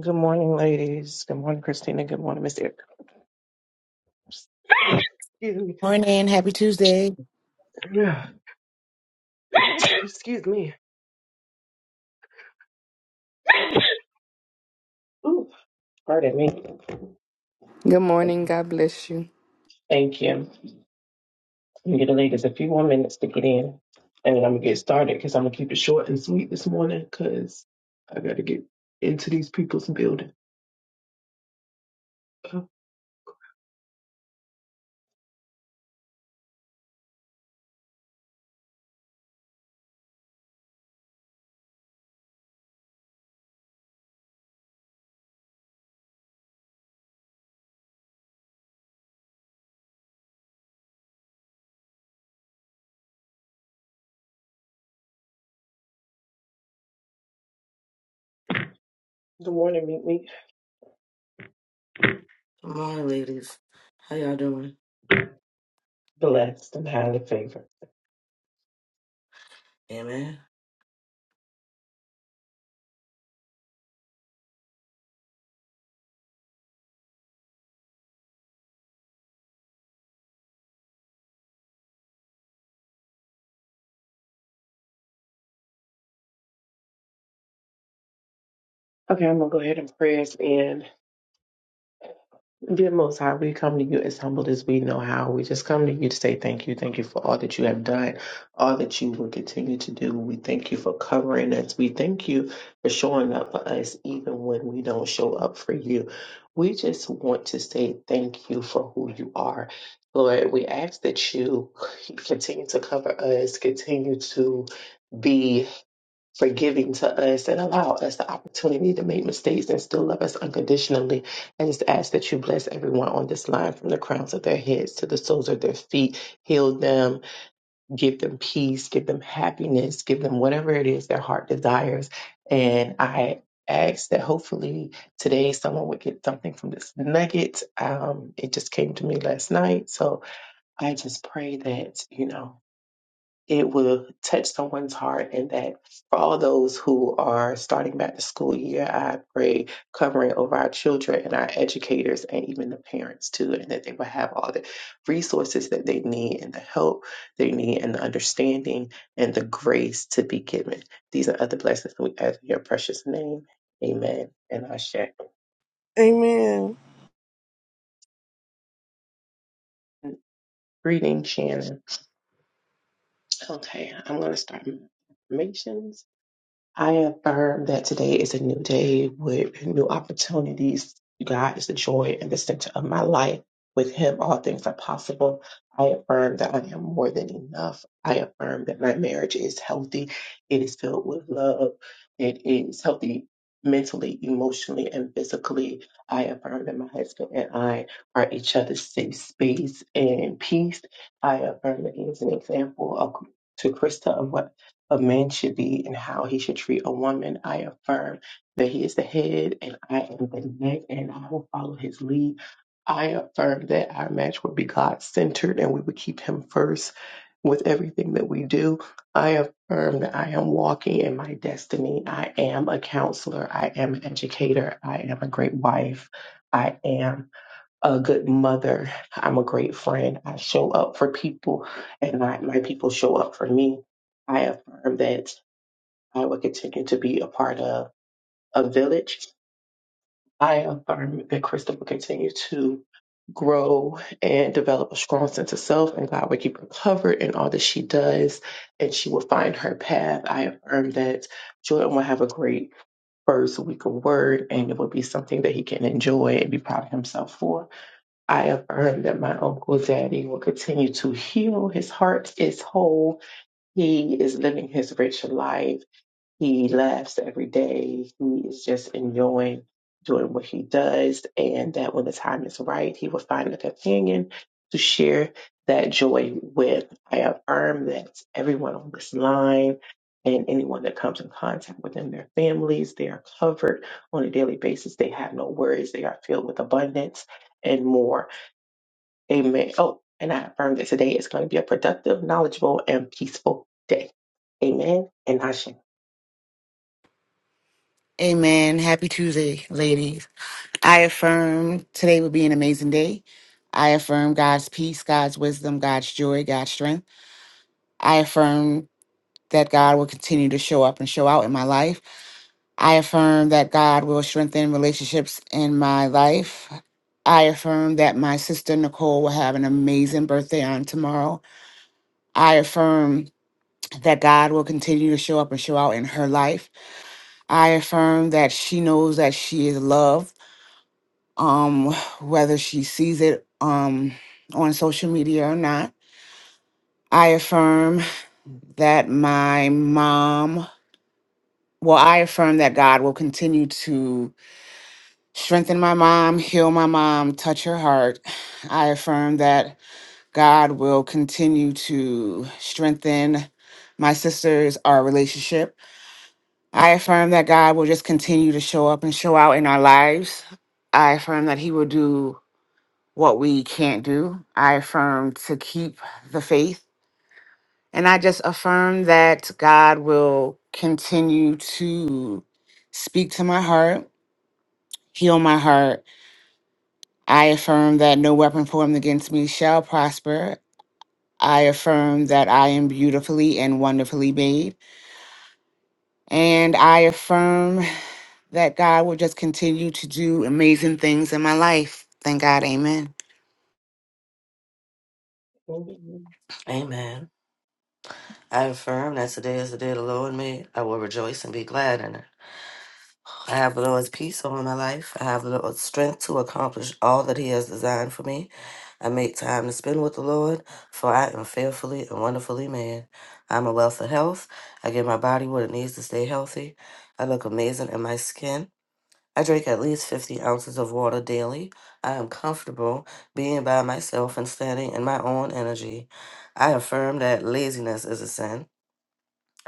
Good morning, ladies. Good morning, Christina. Good morning, Miss Erica. Excuse me. Morning, happy Tuesday. Yeah. Excuse me. Ooh, pardon me. Good morning. God bless you. Thank you. I'm gonna give the ladies a few more minutes to get in, and then I'm gonna get started because I'm gonna keep it short and sweet this morning because I gotta get into these people's building. Good morning, meet me. Good morning, ladies. How y'all doing? Blessed and highly favored. Amen. Okay, I'm gonna go ahead and press in. Dear Most High, we come to you as humble as we know how. We just come to you to say thank you. Thank you for all that you have done, all that you will continue to do. We thank you for covering us. We thank you for showing up for us even when we don't show up for you. We just want to say thank you for who you are. Lord, we ask that you continue to cover us, continue to be. Forgiving to us and allow us the opportunity to make mistakes and still love us unconditionally. I just ask that you bless everyone on this line from the crowns of their heads to the soles of their feet. Heal them, give them peace, give them happiness, give them whatever it is their heart desires. And I ask that hopefully today someone would get something from this nugget. Um, it just came to me last night. So I just pray that, you know it will touch someone's heart and that for all those who are starting back the school year i pray covering over our children and our educators and even the parents too and that they will have all the resources that they need and the help they need and the understanding and the grace to be given these are other blessings that we ask in your precious name amen and i share Amen. greeting shannon okay i'm going to start my affirmations I affirm that today is a new day with new opportunities. God is the joy and the center of my life. With Him, all things are possible. I affirm that I am more than enough. I affirm that my marriage is healthy. It is filled with love. It is healthy mentally, emotionally, and physically. I affirm that my husband and I are each other's safe space and peace. I affirm that he is an example of, to Krista of what a man should be and how he should treat a woman. I affirm that he is the head and I am the neck and I will follow his lead. I affirm that our match would be God centered and we would keep him first with everything that we do. I affirm that I am walking in my destiny. I am a counselor. I am an educator. I am a great wife. I am a good mother. I'm a great friend. I show up for people, and I, my people show up for me. I affirm that I will continue to be a part of a village. I affirm that Crystal will continue to grow and develop a strong sense of self, and God will keep her covered in all that she does, and she will find her path. I affirm that Jordan will have a great first week of word, and it will be something that he can enjoy and be proud of himself for. I affirm that my uncle daddy will continue to heal. His heart is whole. He is living his rich life. He laughs every day. He is just enjoying doing what he does. And that when the time is right, he will find a companion to share that joy with. I affirm that everyone on this line and anyone that comes in contact with them, their families, they are are covered on a daily basis. They They have no worries. They are filled with abundance and more. Amen. Oh, and I affirm that today is going to be a productive, knowledgeable, and peaceful day. Amen. And Hashem. Amen. Happy Tuesday, ladies. I affirm today will be an amazing day. I affirm God's peace, God's wisdom, God's joy, God's strength. I affirm that God will continue to show up and show out in my life. I affirm that God will strengthen relationships in my life. I affirm that my sister Nicole will have an amazing birthday on tomorrow. I affirm that God will continue to show up and show out in her life. I affirm that she knows that she is loved, um, whether she sees it um, on social media or not. I affirm that my mom, well, I affirm that God will continue to strengthen my mom, heal my mom, touch her heart. I affirm that God will continue to strengthen my sisters, our relationship. I affirm that God will just continue to show up and show out in our lives. I affirm that He will do what we can't do. I affirm to keep the faith. And I just affirm that God will continue to speak to my heart, heal my heart. I affirm that no weapon formed against me shall prosper. I affirm that I am beautifully and wonderfully made. And I affirm that God will just continue to do amazing things in my life. Thank God. Amen. Amen. Amen. I affirm that today is the day the Lord made. I will rejoice and be glad in it. I have the Lord's peace over my life. I have the Lord's strength to accomplish all that He has designed for me. I make time to spend with the Lord, for I am fearfully and wonderfully made. I'm a wealth of health. I give my body what it needs to stay healthy. I look amazing in my skin. I drink at least 50 ounces of water daily. I am comfortable being by myself and standing in my own energy. I affirm that laziness is a sin.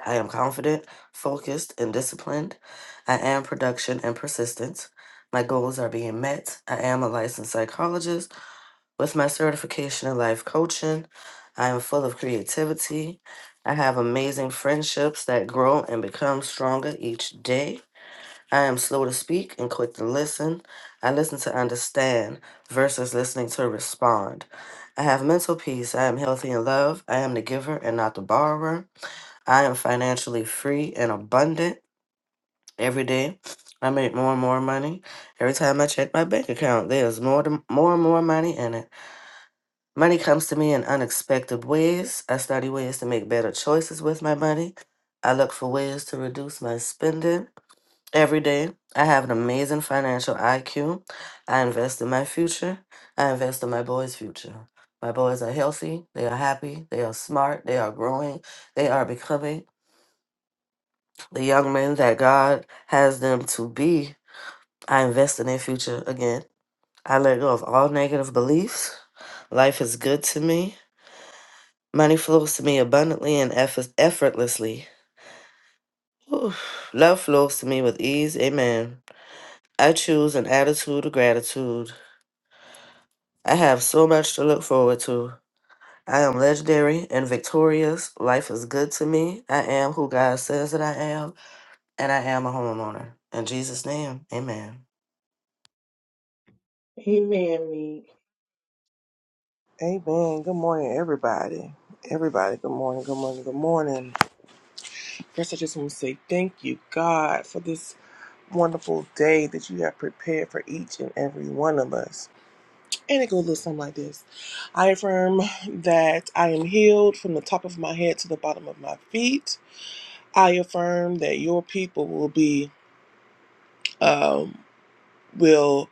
I am confident, focused, and disciplined. I am production and persistence. My goals are being met. I am a licensed psychologist with my certification in life coaching. I am full of creativity. I have amazing friendships that grow and become stronger each day. I am slow to speak and quick to listen. I listen to understand versus listening to respond. I have mental peace. I am healthy in love. I am the giver and not the borrower. I am financially free and abundant every day. I make more and more money. Every time I check my bank account, there's more, to, more and more money in it. Money comes to me in unexpected ways. I study ways to make better choices with my money. I look for ways to reduce my spending. Every day, I have an amazing financial IQ. I invest in my future. I invest in my boys' future. My boys are healthy. They are happy. They are smart. They are growing. They are becoming the young men that God has them to be. I invest in their future again. I let go of all negative beliefs. Life is good to me. Money flows to me abundantly and eff- effortlessly. Whew. Love flows to me with ease. Amen. I choose an attitude of gratitude. I have so much to look forward to. I am legendary and victorious. Life is good to me. I am who God says that I am, and I am a homeowner. In Jesus' name, amen. Amen. Me. Amen. Good morning, everybody. Everybody, good morning, good morning, good morning. First, I just want to say thank you, God, for this wonderful day that you have prepared for each and every one of us. And it goes a little something like this I affirm that I am healed from the top of my head to the bottom of my feet. I affirm that your people will be, um, will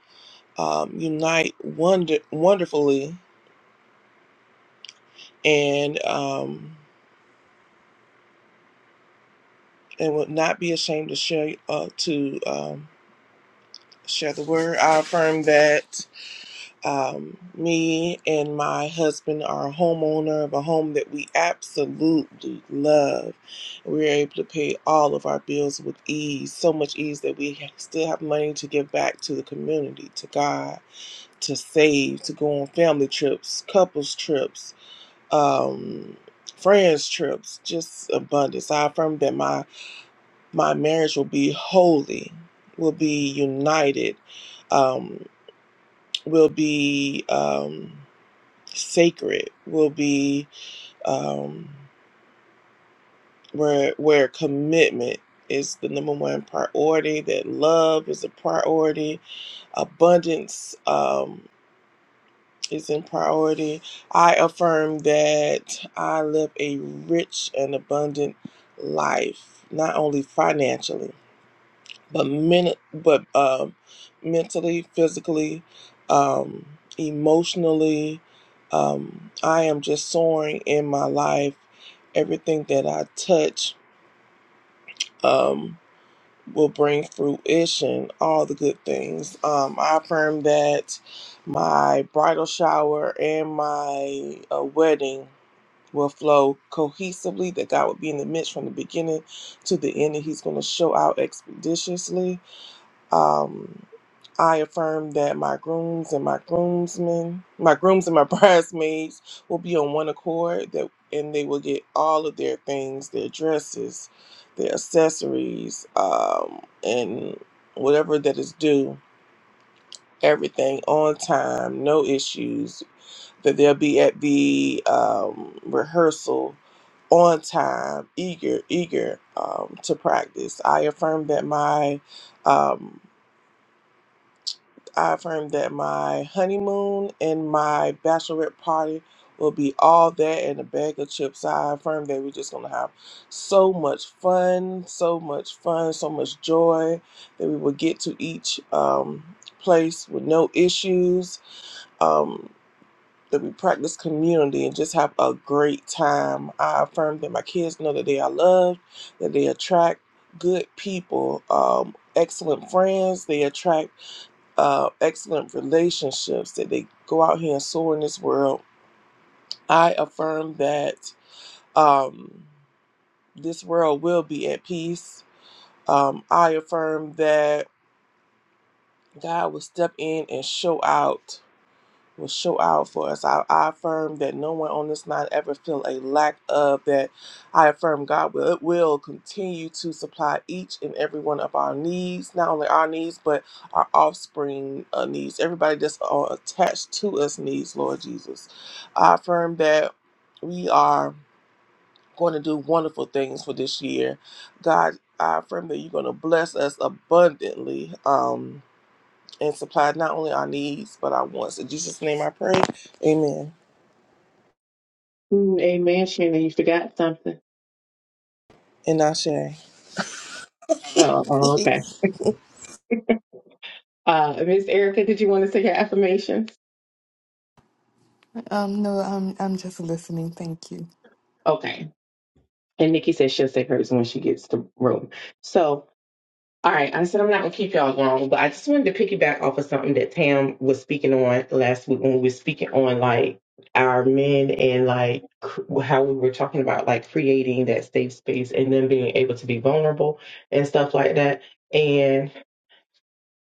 um, unite wonder- wonderfully and, um, and would not be ashamed to share uh, to um, share the word. I affirm that um, me and my husband are a homeowner of a home that we absolutely love. We are able to pay all of our bills with ease, so much ease that we ha- still have money to give back to the community, to God, to save, to go on family trips, couples trips. Um, Friends trips, just abundance. I affirm that my my marriage will be holy, will be united, um, will be um, sacred, will be um, where where commitment is the number one priority. That love is a priority. Abundance um, is in priority. I affirm that I live a rich and abundant life, not only financially but men, but um, mentally, physically, um, emotionally, um, I am just soaring in my life. Everything that I touch um, will bring fruition, all the good things. Um, I affirm that my bridal shower and my uh, wedding will flow cohesively, that God will be in the midst from the beginning to the end, and He's going to show out expeditiously. Um, I affirm that my grooms and my groomsmen, my grooms and my bridesmaids will be on one accord that and they will get all of their things, their dresses, their accessories, um, and whatever that is due, everything on time, no issues, that they'll be at the um, rehearsal on time, eager, eager um, to practice. I affirm that my um, I affirm that my honeymoon and my bachelorette party will be all that and a bag of chips. I affirm that we're just going to have so much fun, so much fun, so much joy that we will get to each um, place with no issues, um, that we practice community and just have a great time. I affirm that my kids know that they are loved, that they attract good people, um, excellent friends, they attract uh, excellent relationships that they go out here and soar in this world. I affirm that um, this world will be at peace. Um, I affirm that God will step in and show out will show out for us. I, I affirm that no one on this line ever feel a lack of that. I affirm God will will continue to supply each and every one of our needs, not only our needs but our offspring uh, needs. Everybody that's uh, attached to us needs, Lord Jesus. I affirm that we are going to do wonderful things for this year. God, I affirm that you're going to bless us abundantly. Um, and supply not only our needs but our wants. In Jesus' name, I pray. Amen. Mm, Amen, Shannon. You forgot something. And I share. Oh, oh, okay. Uh, Miss Erica, did you want to say your affirmations? Um, no, I'm I'm just listening. Thank you. Okay. And Nikki says she'll say hers when she gets to the room. So All right, I said I'm not gonna keep y'all long, but I just wanted to piggyback off of something that Tam was speaking on last week when we were speaking on like our men and like cr- how we were talking about like creating that safe space and then being able to be vulnerable and stuff like that.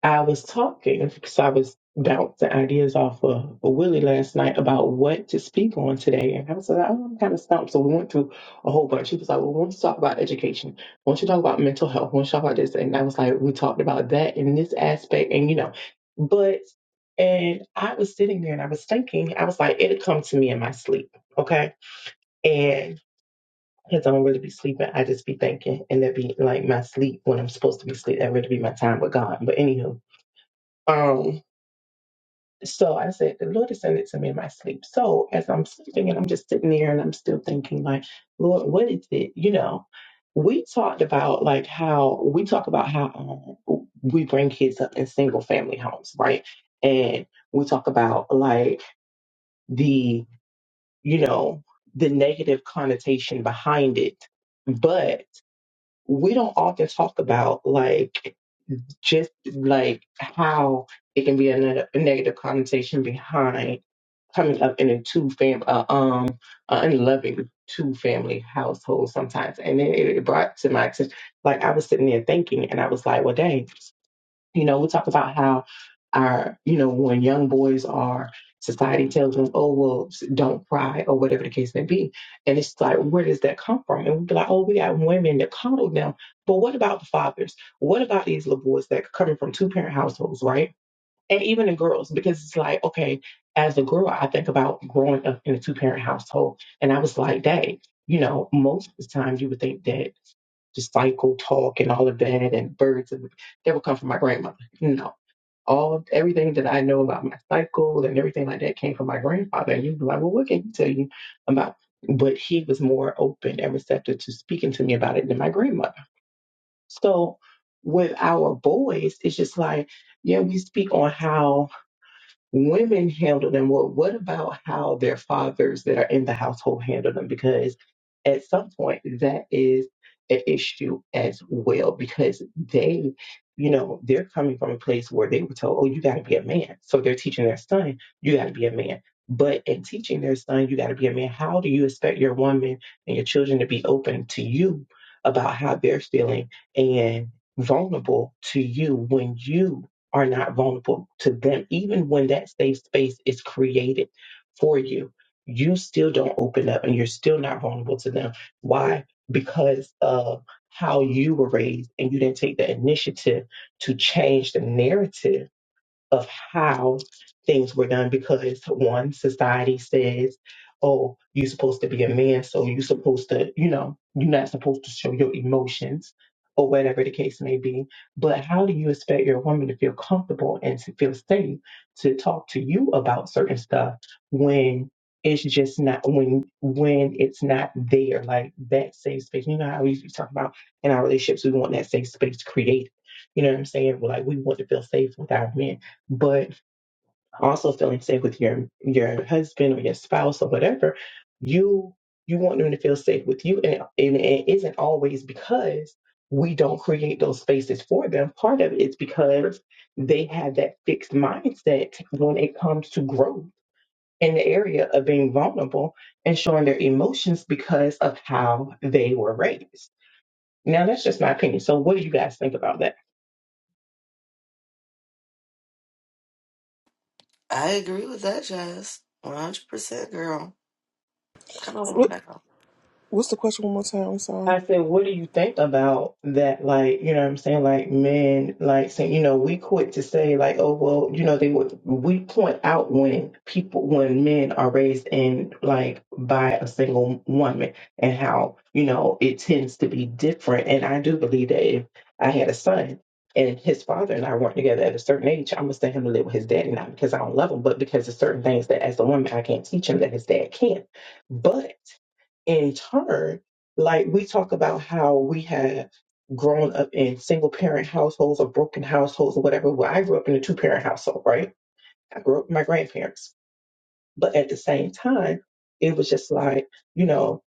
I was talking because I was bouncing ideas off of Willie last night about what to speak on today. And I was like, oh, I'm kind of stumped. So we went through a whole bunch. He was like, Well, we want to talk about education. We want you to talk about mental health. We want you to talk about this. And I was like, We talked about that in this aspect. And, you know, but, and I was sitting there and I was thinking, I was like, It'll come to me in my sleep. Okay. And, because I don't really be sleeping, I just be thinking, and that be like my sleep when I'm supposed to be sleep. That really be my time with God. But anywho, um, so I said, the Lord has sent it to me in my sleep. So as I'm sleeping and I'm just sitting there and I'm still thinking, like, Lord, what is it? You know, we talked about like how we talk about how um, we bring kids up in single family homes, right? And we talk about like the, you know, the negative connotation behind it. But we don't often talk about like just like how it can be a, neg- a negative connotation behind coming up in a two fam uh, um an unloving two family household sometimes and then it, it brought to my attention like i was sitting there thinking and i was like well dang you know, we talk about how our, you know, when young boys are, society tells them, oh, well, s- don't cry or whatever the case may be. And it's like, where does that come from? And we'd be like, oh, we got women that coddle them. But what about the fathers? What about these little boys that are coming from two parent households, right? And even the girls, because it's like, okay, as a girl, I think about growing up in a two parent household. And I was like, dang, you know, most of the time you would think that the cycle talk and all of that and birds, and that would come from my grandmother. no all everything that I know about my cycle and everything like that came from my grandfather. And you'd be like, well, what can he tell you about? But he was more open and receptive to speaking to me about it than my grandmother. So with our boys, it's just like, yeah, we speak on how women handle them well what about how their fathers that are in the household handle them because at some point that is an issue as well because they you know they're coming from a place where they were told oh you got to be a man so they're teaching their son you got to be a man but in teaching their son you got to be a man how do you expect your woman and your children to be open to you about how they're feeling and vulnerable to you when you are not vulnerable to them. Even when that safe space is created for you, you still don't open up and you're still not vulnerable to them. Why? Because of how you were raised and you didn't take the initiative to change the narrative of how things were done because one society says oh you're supposed to be a man so you're supposed to you know you're not supposed to show your emotions or whatever the case may be but how do you expect your woman to feel comfortable and to feel safe to talk to you about certain stuff when it's just not when when it's not there like that safe space you know how we usually talk about in our relationships we want that safe space created you know what i'm saying like we want to feel safe with our men but also feeling safe with your your husband or your spouse or whatever you you want them to feel safe with you and, and it isn't always because we don't create those spaces for them part of it is because they have that fixed mindset when it comes to growth in the area of being vulnerable and showing their emotions because of how they were raised now that's just my opinion so what do you guys think about that I agree with that, Jazz. 100%, girl. Come on what, now. what's the question one more time? I'm sorry. I said, what do you think about that? Like, you know what I'm saying? Like, men, like, saying, you know, we quit to say, like, oh, well, you know, they would, we point out when people, when men are raised in, like, by a single woman and how, you know, it tends to be different. And I do believe that if I had a son and his father and I weren't together at a certain age, I'm going to send him to live with his daddy, not because I don't love him, but because there's certain things that as a woman, I can't teach him that his dad can. not But in turn, like we talk about how we have grown up in single parent households or broken households or whatever. Well, I grew up in a two parent household, right? I grew up with my grandparents. But at the same time, it was just like, you know,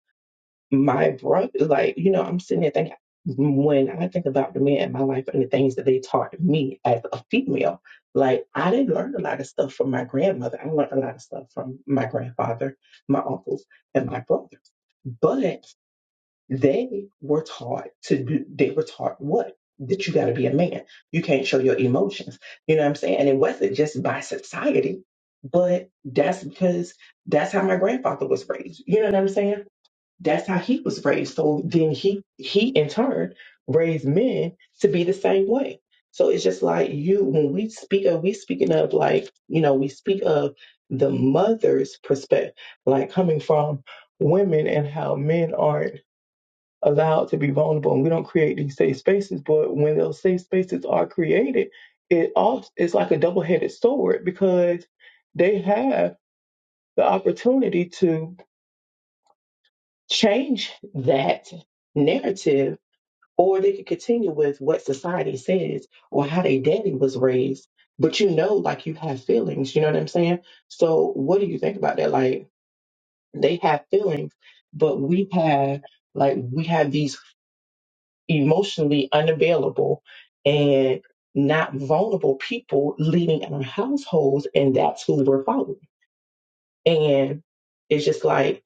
my brother, like, you know, I'm sitting there thinking, when I think about the men in my life and the things that they taught me as a female, like I didn't learn a lot of stuff from my grandmother. I learned a lot of stuff from my grandfather, my uncles, and my brother. But they were taught to do, they were taught what? That you got to be a man. You can't show your emotions. You know what I'm saying? And it wasn't just by society, but that's because that's how my grandfather was raised. You know what I'm saying? That's how he was raised. So then he, he in turn raised men to be the same way. So it's just like you, when we speak of, we speaking of like, you know, we speak of the mother's perspective, like coming from women and how men aren't allowed to be vulnerable and we don't create these safe spaces but when those safe spaces are created it all it's like a double-headed sword because they have the opportunity to change that narrative or they could continue with what society says or how they daddy was raised but you know like you have feelings you know what i'm saying so what do you think about that like they have feelings but we have like we have these emotionally unavailable and not vulnerable people leading our households, and that's who we're following. And it's just like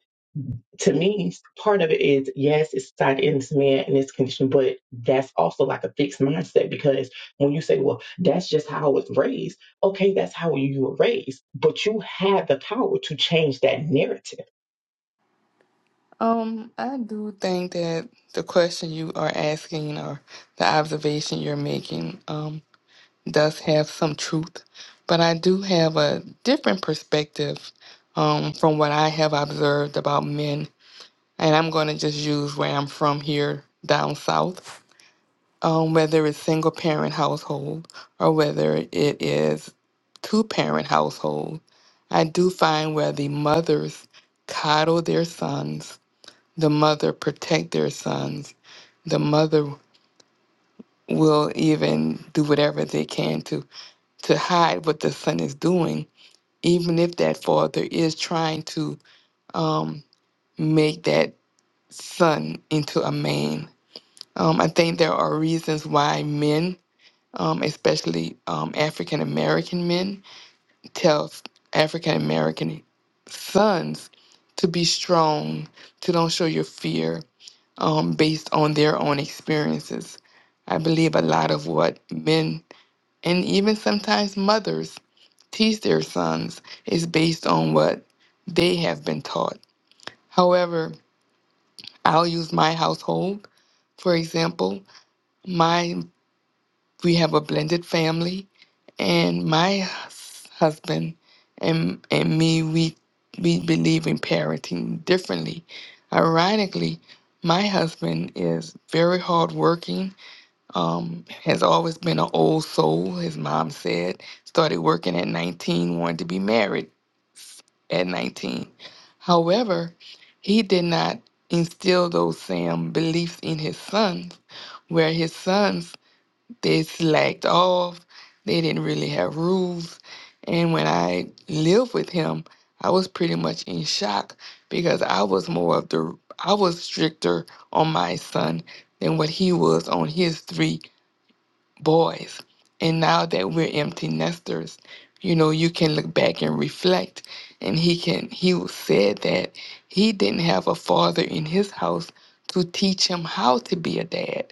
to me, part of it is yes, it's tied into man and its condition, but that's also like a fixed mindset because when you say, well, that's just how I was raised, okay, that's how you were raised, but you had the power to change that narrative. Um, I do think that the question you are asking or the observation you're making um does have some truth, but I do have a different perspective um from what I have observed about men, and I'm going to just use where I'm from here down south. um, whether it's single parent household or whether it is two parent household, I do find where the mothers coddle their sons, the mother protect their sons, the mother will even do whatever they can to to hide what the son is doing, even if that father is trying to um, make that son into a man. Um, I think there are reasons why men um, especially um, African American men, tells African American sons to be strong, to don't show your fear um, based on their own experiences. I believe a lot of what men and even sometimes mothers teach their sons is based on what they have been taught. However, I'll use my household, for example. My we have a blended family and my hus- husband and and me we we believe in parenting differently ironically my husband is very hardworking um has always been an old soul his mom said started working at 19 wanted to be married at 19 however he did not instill those same beliefs in his sons where his sons they slacked off. They didn't really have rules. And when I lived with him, I was pretty much in shock because I was more of the, I was stricter on my son than what he was on his three boys. And now that we're empty nesters, you know, you can look back and reflect. And he can, he said that he didn't have a father in his house to teach him how to be a dad.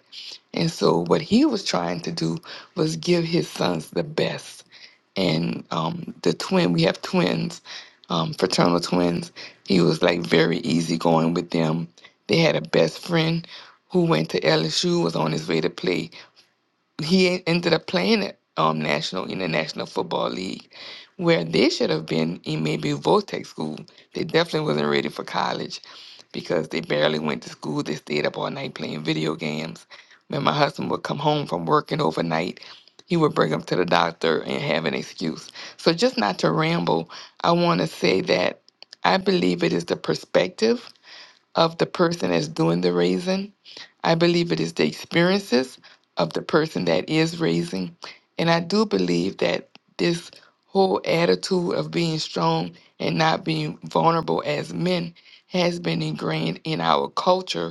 And so what he was trying to do was give his sons the best. And um, the twin, we have twins, um, fraternal twins. He was like very easygoing with them. They had a best friend who went to LSU, was on his way to play he en- ended up playing at um, National International Football League, where they should have been in maybe Voltech school. They definitely wasn't ready for college because they barely went to school. They stayed up all night playing video games. When my husband would come home from working overnight, he would bring him to the doctor and have an excuse. So just not to ramble, I want to say that I believe it is the perspective of the person that's doing the raising I believe it is the experiences of the person that is raising. And I do believe that this whole attitude of being strong and not being vulnerable as men has been ingrained in our culture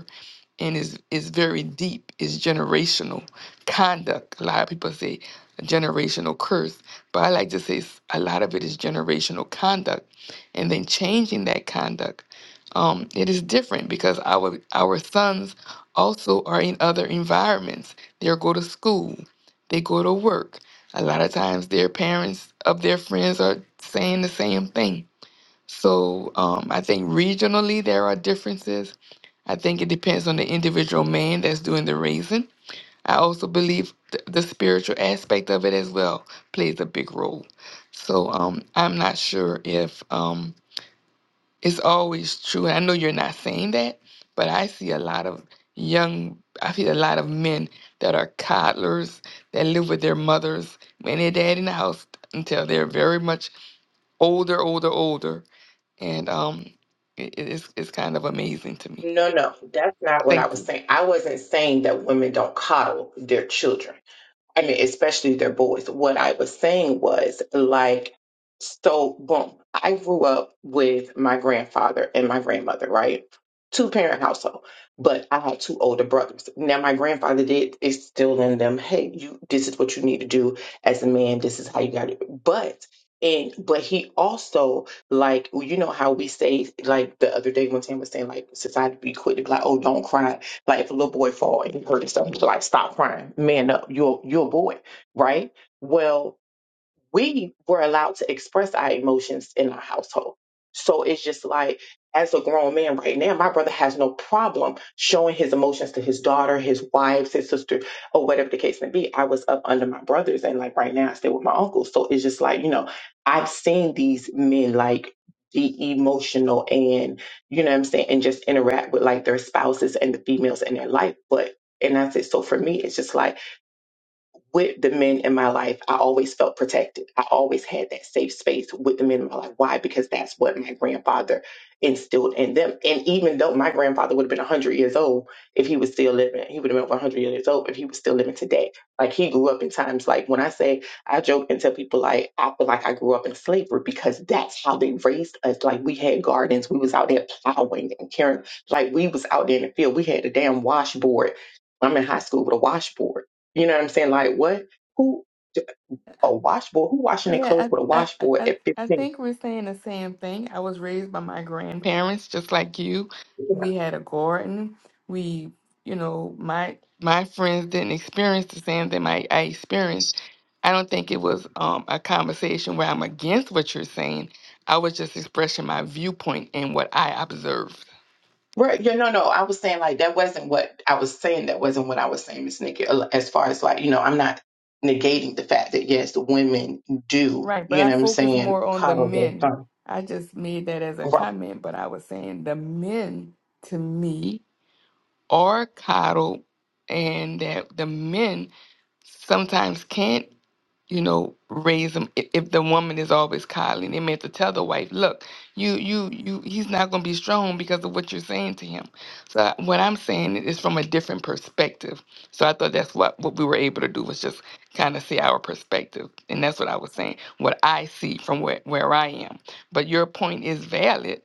and is is very deep. It's generational conduct. A lot of people say a generational curse, but I like to say s- a lot of it is generational conduct, and then changing that conduct. Um, it is different because our our sons also are in other environments. They go to school, they go to work. A lot of times, their parents of their friends are saying the same thing. So um, I think regionally there are differences I think it depends on the individual man that's doing the raising. I also believe th- the spiritual aspect of it as well plays a big role. So um, I'm not sure if um, it's always true. And I know you're not saying that, but I see a lot of young, I see a lot of men that are coddlers that live with their mothers and their dad in the house until they're very much older, older, older. And um, it, it's, it's kind of amazing to me. No, no, that's not what I Thank you. was saying. I wasn't saying that women don't coddle their children. I mean, especially their boys. What I was saying was like, so boom, I grew up with my grandfather and my grandmother, right? Two parent household, but I had two older brothers. Now my grandfather did instill in them, hey, you, this is what you need to do as a man. This is how you got it. But and but he also like you know how we say like the other day when Tam was saying like society be quick to be like oh don't cry like if a little boy fall and he hurt himself, he's like, stop crying, man up, you're you're a boy, right? Well, we were allowed to express our emotions in our household. So it's just like, as a grown man right now, my brother has no problem showing his emotions to his daughter, his wives, his sister, or whatever the case may be. I was up under my brothers, and like right now, I stay with my uncles. So it's just like, you know, I've seen these men like be emotional and, you know what I'm saying, and just interact with like their spouses and the females in their life. But, and that's it. So for me, it's just like, with the men in my life, I always felt protected. I always had that safe space with the men in my life. Why? Because that's what my grandfather instilled in them. And even though my grandfather would have been 100 years old if he was still living, he would have been over 100 years old if he was still living today. Like he grew up in times like when I say, I joke and tell people, like, I feel like I grew up in slavery because that's how they raised us. Like we had gardens, we was out there plowing and caring, like we was out there in the field. We had a damn washboard. I'm in high school with a washboard you know what I'm saying? Like what? Who? A washboard? Who washing their clothes Yeah, with a I, I, I, washboard I at 15? think we're saying the same thing. I was raised by my grandparents, just like you. We had a garden. We, you know, my my friends didn't experience the same thing I, I experienced. I don't think it was um, a conversation where I'm against what you're saying. I was just expressing my viewpoint and what I observed. Right. Yeah. No. No. I was saying like that wasn't what I was saying. That wasn't what I was saying, Miss Nikki. uh, As far as like you know, I'm not negating the fact that yes, the women do. Right, but You I know what I'm focus saying? more on the Coddle their men. son. I just made that as a Right. comment, but I was saying the men to me or coddled, and that the men sometimes can't you know, raise him. If, if the woman is always coddling, they meant to tell the wife, look, you, you, you, he's not going to be strong because of what you're saying to him. So I- what I'm saying is from a different perspective. So I thought that's what, what we were able to do was just kind of see our perspective. And that's what I was saying, what I see from where, where I am. But your point is valid.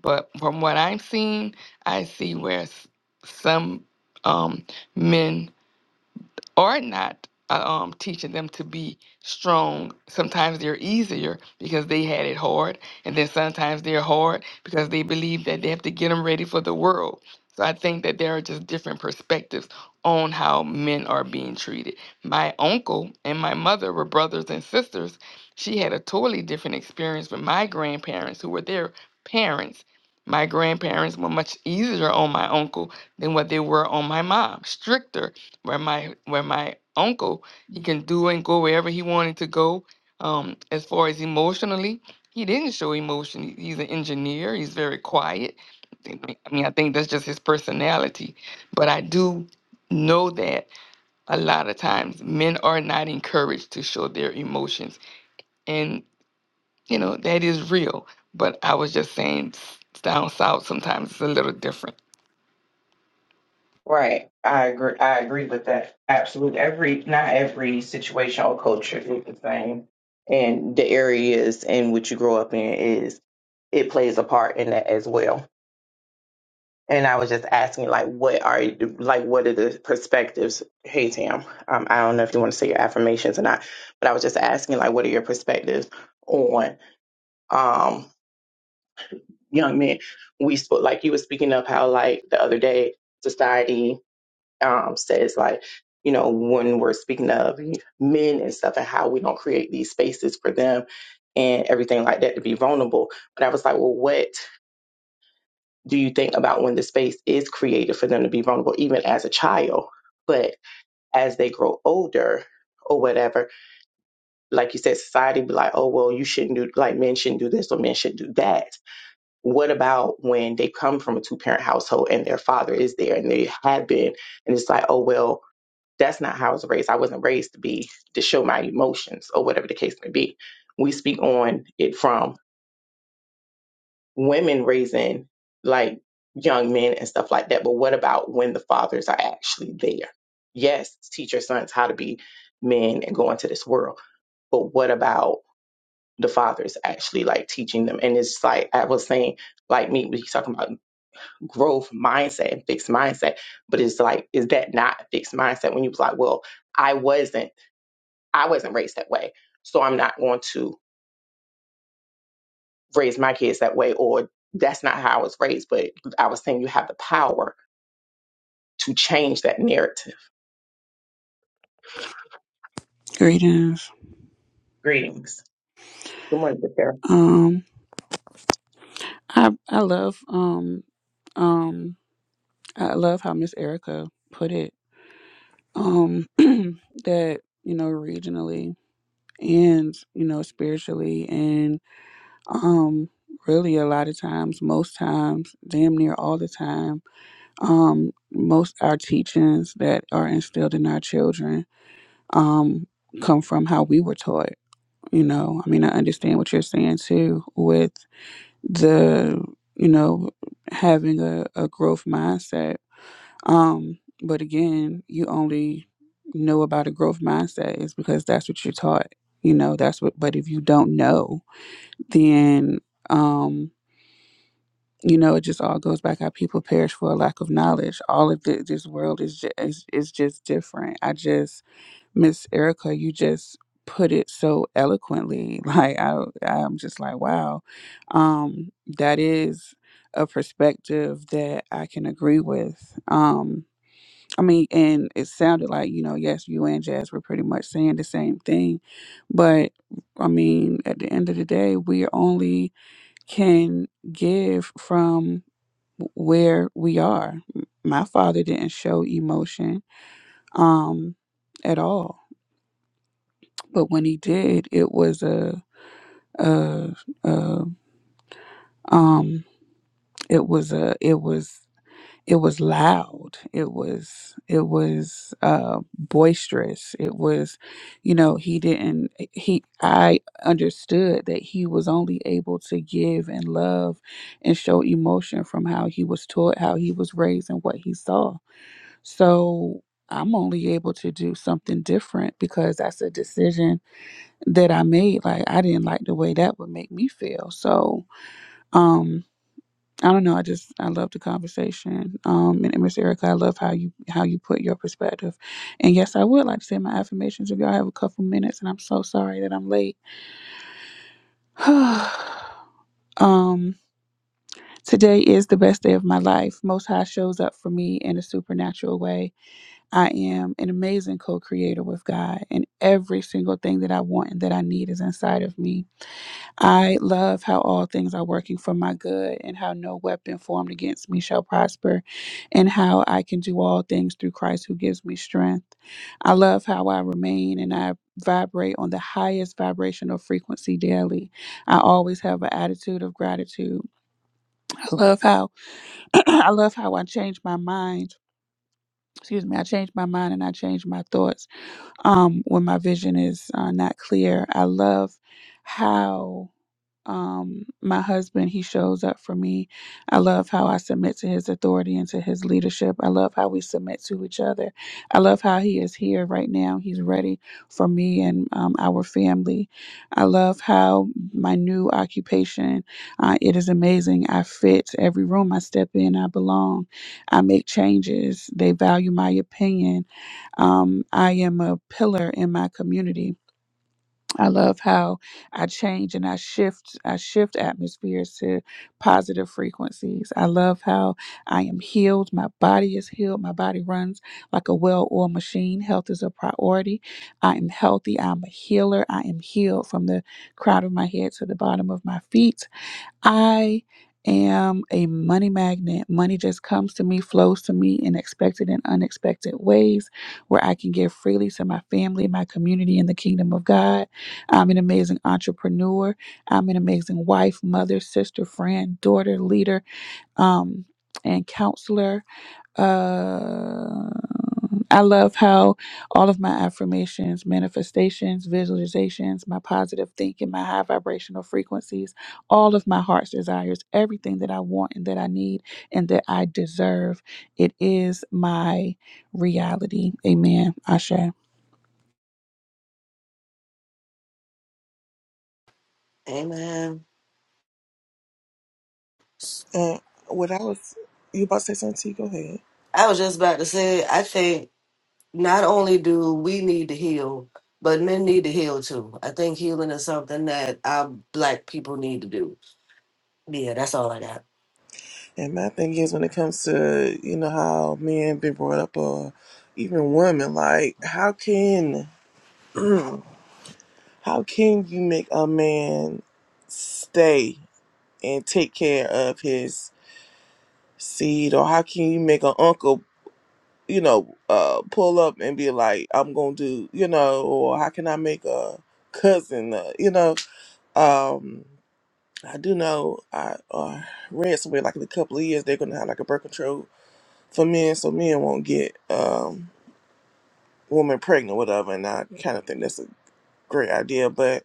But from what I'm seeing, I see where s- some um, men are not uh, um, teaching them to be strong. Sometimes they're easier because they had it hard, and then sometimes they're hard because they believe that they have to get them ready for the world. So I think that there are just different perspectives on how men are being treated. My uncle and my mother were brothers and sisters. She had a totally different experience with my grandparents, who were their parents. My grandparents were much easier on my uncle than what they were on my mom, stricter where my where my uncle he can do and go wherever he wanted to go um as far as emotionally he didn't show emotion He- he's an engineer he's very quiet i mean I mean, I think that's just his personality but i do know that a lot of times men are not encouraged to show their emotions and you know that is real but i was just saying s- down south sometimes it's a little different Right. I agree. I agree with that. Absolutely. Every not every situation or culture is the same, and the areas in which you grow up in is it plays a part in that as well. And I was just asking, like, what are you, like, what are the perspectives? Hey, Tam, um, I don't know if you want to say your affirmations or not, but I was just asking, like, what are your perspectives on um, young men? We spoke, like, you were speaking of how, like, the other day, society um, says, like, you know, when we're speaking of men and stuff and how we don't create these spaces for them and everything like that to be vulnerable. But I was like, well, what? do you think about when the space is created for them to be vulnerable, even as a child? But as they grow older or whatever, like you said, society be like, oh, well, you shouldn't do, like men shouldn't do this or men should do that. What about when they come from a two parent household and their father is there and they have been, and it's like, oh, well, that's not how I was raised. I wasn't raised to be, to show my emotions or whatever the case may be. We speak on it from women raising like young men and stuff like that. But what about when the fathers are actually there? Yes, teach your sons how to be men and go into this world. But what about the fathers actually like teaching them? And it's like I was saying, like me, he's talking about growth mindset and fixed mindset. But it's like, is that not a fixed mindset when you was like, well, I wasn't, I wasn't raised that way. So I'm not going to raise my kids that way or that's not how I was raised. But I was saying you have the power to change that narrative. Greetings. Greetings. Good morning, good there. Um, I I love um um I love how Miss Erica put it. Um, that you know regionally and you know spiritually and um really a lot of times, most times, damn near all the time, um most our teachings that are instilled in our children um come from how we were taught. You know, I mean, I understand what you're saying too with the you know having a, a growth mindset um but again you only know about a growth mindset is because that's what you're taught you know that's what but if you don't know then um you know it just all goes back how people perish for a lack of knowledge all of thi- this world is just is, is just different i just Miss Erica, you just put it so eloquently. Like I I'm just like, wow. Um that is a perspective that I can agree with. Um I mean, and it sounded like, you know, yes, you and Jazz were pretty much saying the same thing. But I mean, at the end of the day, we only can give from where we are. My father didn't show emotion um at all but when he did, it was a, a, a um, it was a, it was, it was loud. It was, it was uh, boisterous. It was, you know, he didn't. He, I understood that he was only able to give and love and show emotion from how he was taught, how he was raised, and what he saw. So. I'm only able to do something different because that's a decision that I made, like I didn't like the way that would make me feel. So, um, I don't know. I just I love the conversation. Um, and Miss Erica, I love how you how you put your perspective. And yes, I would like to say my affirmations if y'all have a couple minutes. And I'm so sorry that I'm late. um, today is the best day of my life. Most High shows up for me in a supernatural way. I am an amazing co-creator with God, and every single thing that I want and that I need is inside of me. I love how all things are working for my good, and how no weapon formed against me shall prosper, and how I can do all things through Christ who gives me strength. I love how I remain and I vibrate on the highest vibrational frequency daily. I always have an attitude of gratitude. I love how I love how I change my mind. Excuse me, I change my mind and I change my thoughts um, when my vision is uh, not clear. I love how um my husband he shows up for me i love how i submit to his authority and to his leadership i love how we submit to each other i love how he is here right now he's ready for me and um, our family i love how my new occupation uh, it is amazing i fit every room i step in i belong i make changes they value my opinion um, i am a pillar in my community I love how I change and I shift I shift atmospheres to positive frequencies. I love how I am healed, my body is healed, my body runs like a well-oiled machine. Health is a priority. I am healthy, I'm a healer. I am healed from the crown of my head to the bottom of my feet. I am a money magnet. Money just comes to me, flows to me in expected and unexpected ways where I can give freely to my family, my community, and the kingdom of God. I'm an amazing entrepreneur. I'm an amazing wife, mother, sister, friend, daughter, leader, um, and counselor. Uh, I love how all of my affirmations, manifestations, visualizations, my positive thinking, my high vibrational frequencies, all of my heart's desires, everything that I want and that I need and that I deserve, it is my reality. Amen. Asha. Amen. Uh, what I was you about to say something? T? Go ahead. I was just about to say, I think not only do we need to heal, but men need to heal too. I think healing is something that our black people need to do. Yeah, that's all I got. And my thing is, when it comes to you know how men been brought up, or even women, like how can how can you make a man stay and take care of his seed, or how can you make an uncle you know, uh, pull up and be like, I'm going to do, you know, or how can I make a cousin, uh, you know, um, I do know I uh, read somewhere like in a couple of years they're going to have like a birth control for men so men won't get um, women pregnant, whatever. And I kind of think that's a great idea, but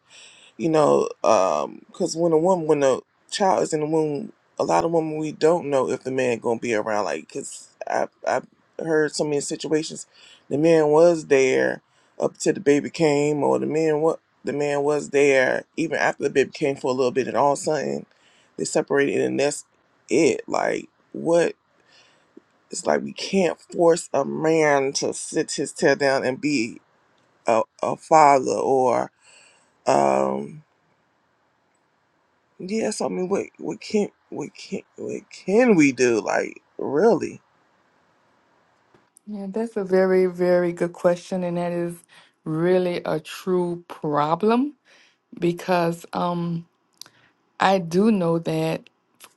you know, because when a woman, when a child is in the womb, a lot of women we don't know if the man gonna be around. Like, cause I I heard so many situations, the man was there up till the baby came, or the man what the man was there even after the baby came for a little bit, and all of a sudden they separated, and that's it. Like, what? It's like we can't force a man to sit his tail down and be a, a father or um Yes, I mean, what what can what can what can we do? Like, really? Yeah, that's a very, very good question, and that is really a true problem because um, I do know that.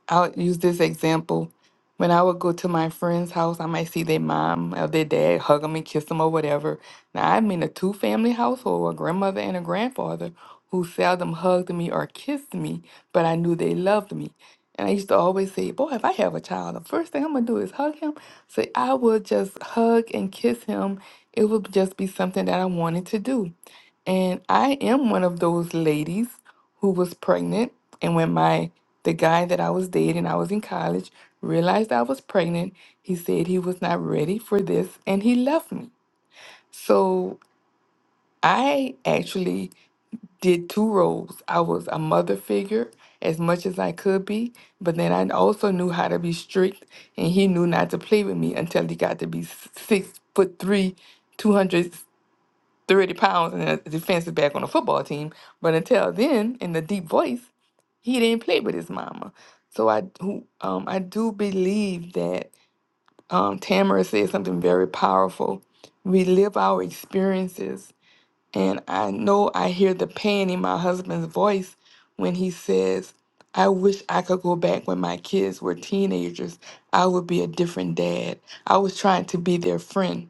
I'll use this example. When I would go to my friend's house, I might see their mom or their dad hug them and kiss them or whatever. Now, I'm in a two family household, a grandmother and a grandfather who seldom hugged me or kissed me, but I knew they loved me. And I used to always say, Boy, if I have a child, the first thing I'm going to do is hug him. So I would just hug and kiss him. It would just be something that I wanted to do. And I am one of those ladies who was pregnant. And when my the guy that I was dating, I was in college, realized I was pregnant, he said he was not ready for this and he left me. So I actually did two roles. I was a mother figure as much as I could be, but then I also knew how to be strict and he knew not to play with me until he got to be s- six foot three, 200 30 pounds and a defensive back on a football team. But until then, in the deep voice, he didn't play with his mama. So I who um I do believe that um Tamara said something very powerful. We live our experiences and I know I hear the pain in my husband's voice when he says, I wish I could go back when my kids were teenagers. I would be a different dad. I was trying to be their friend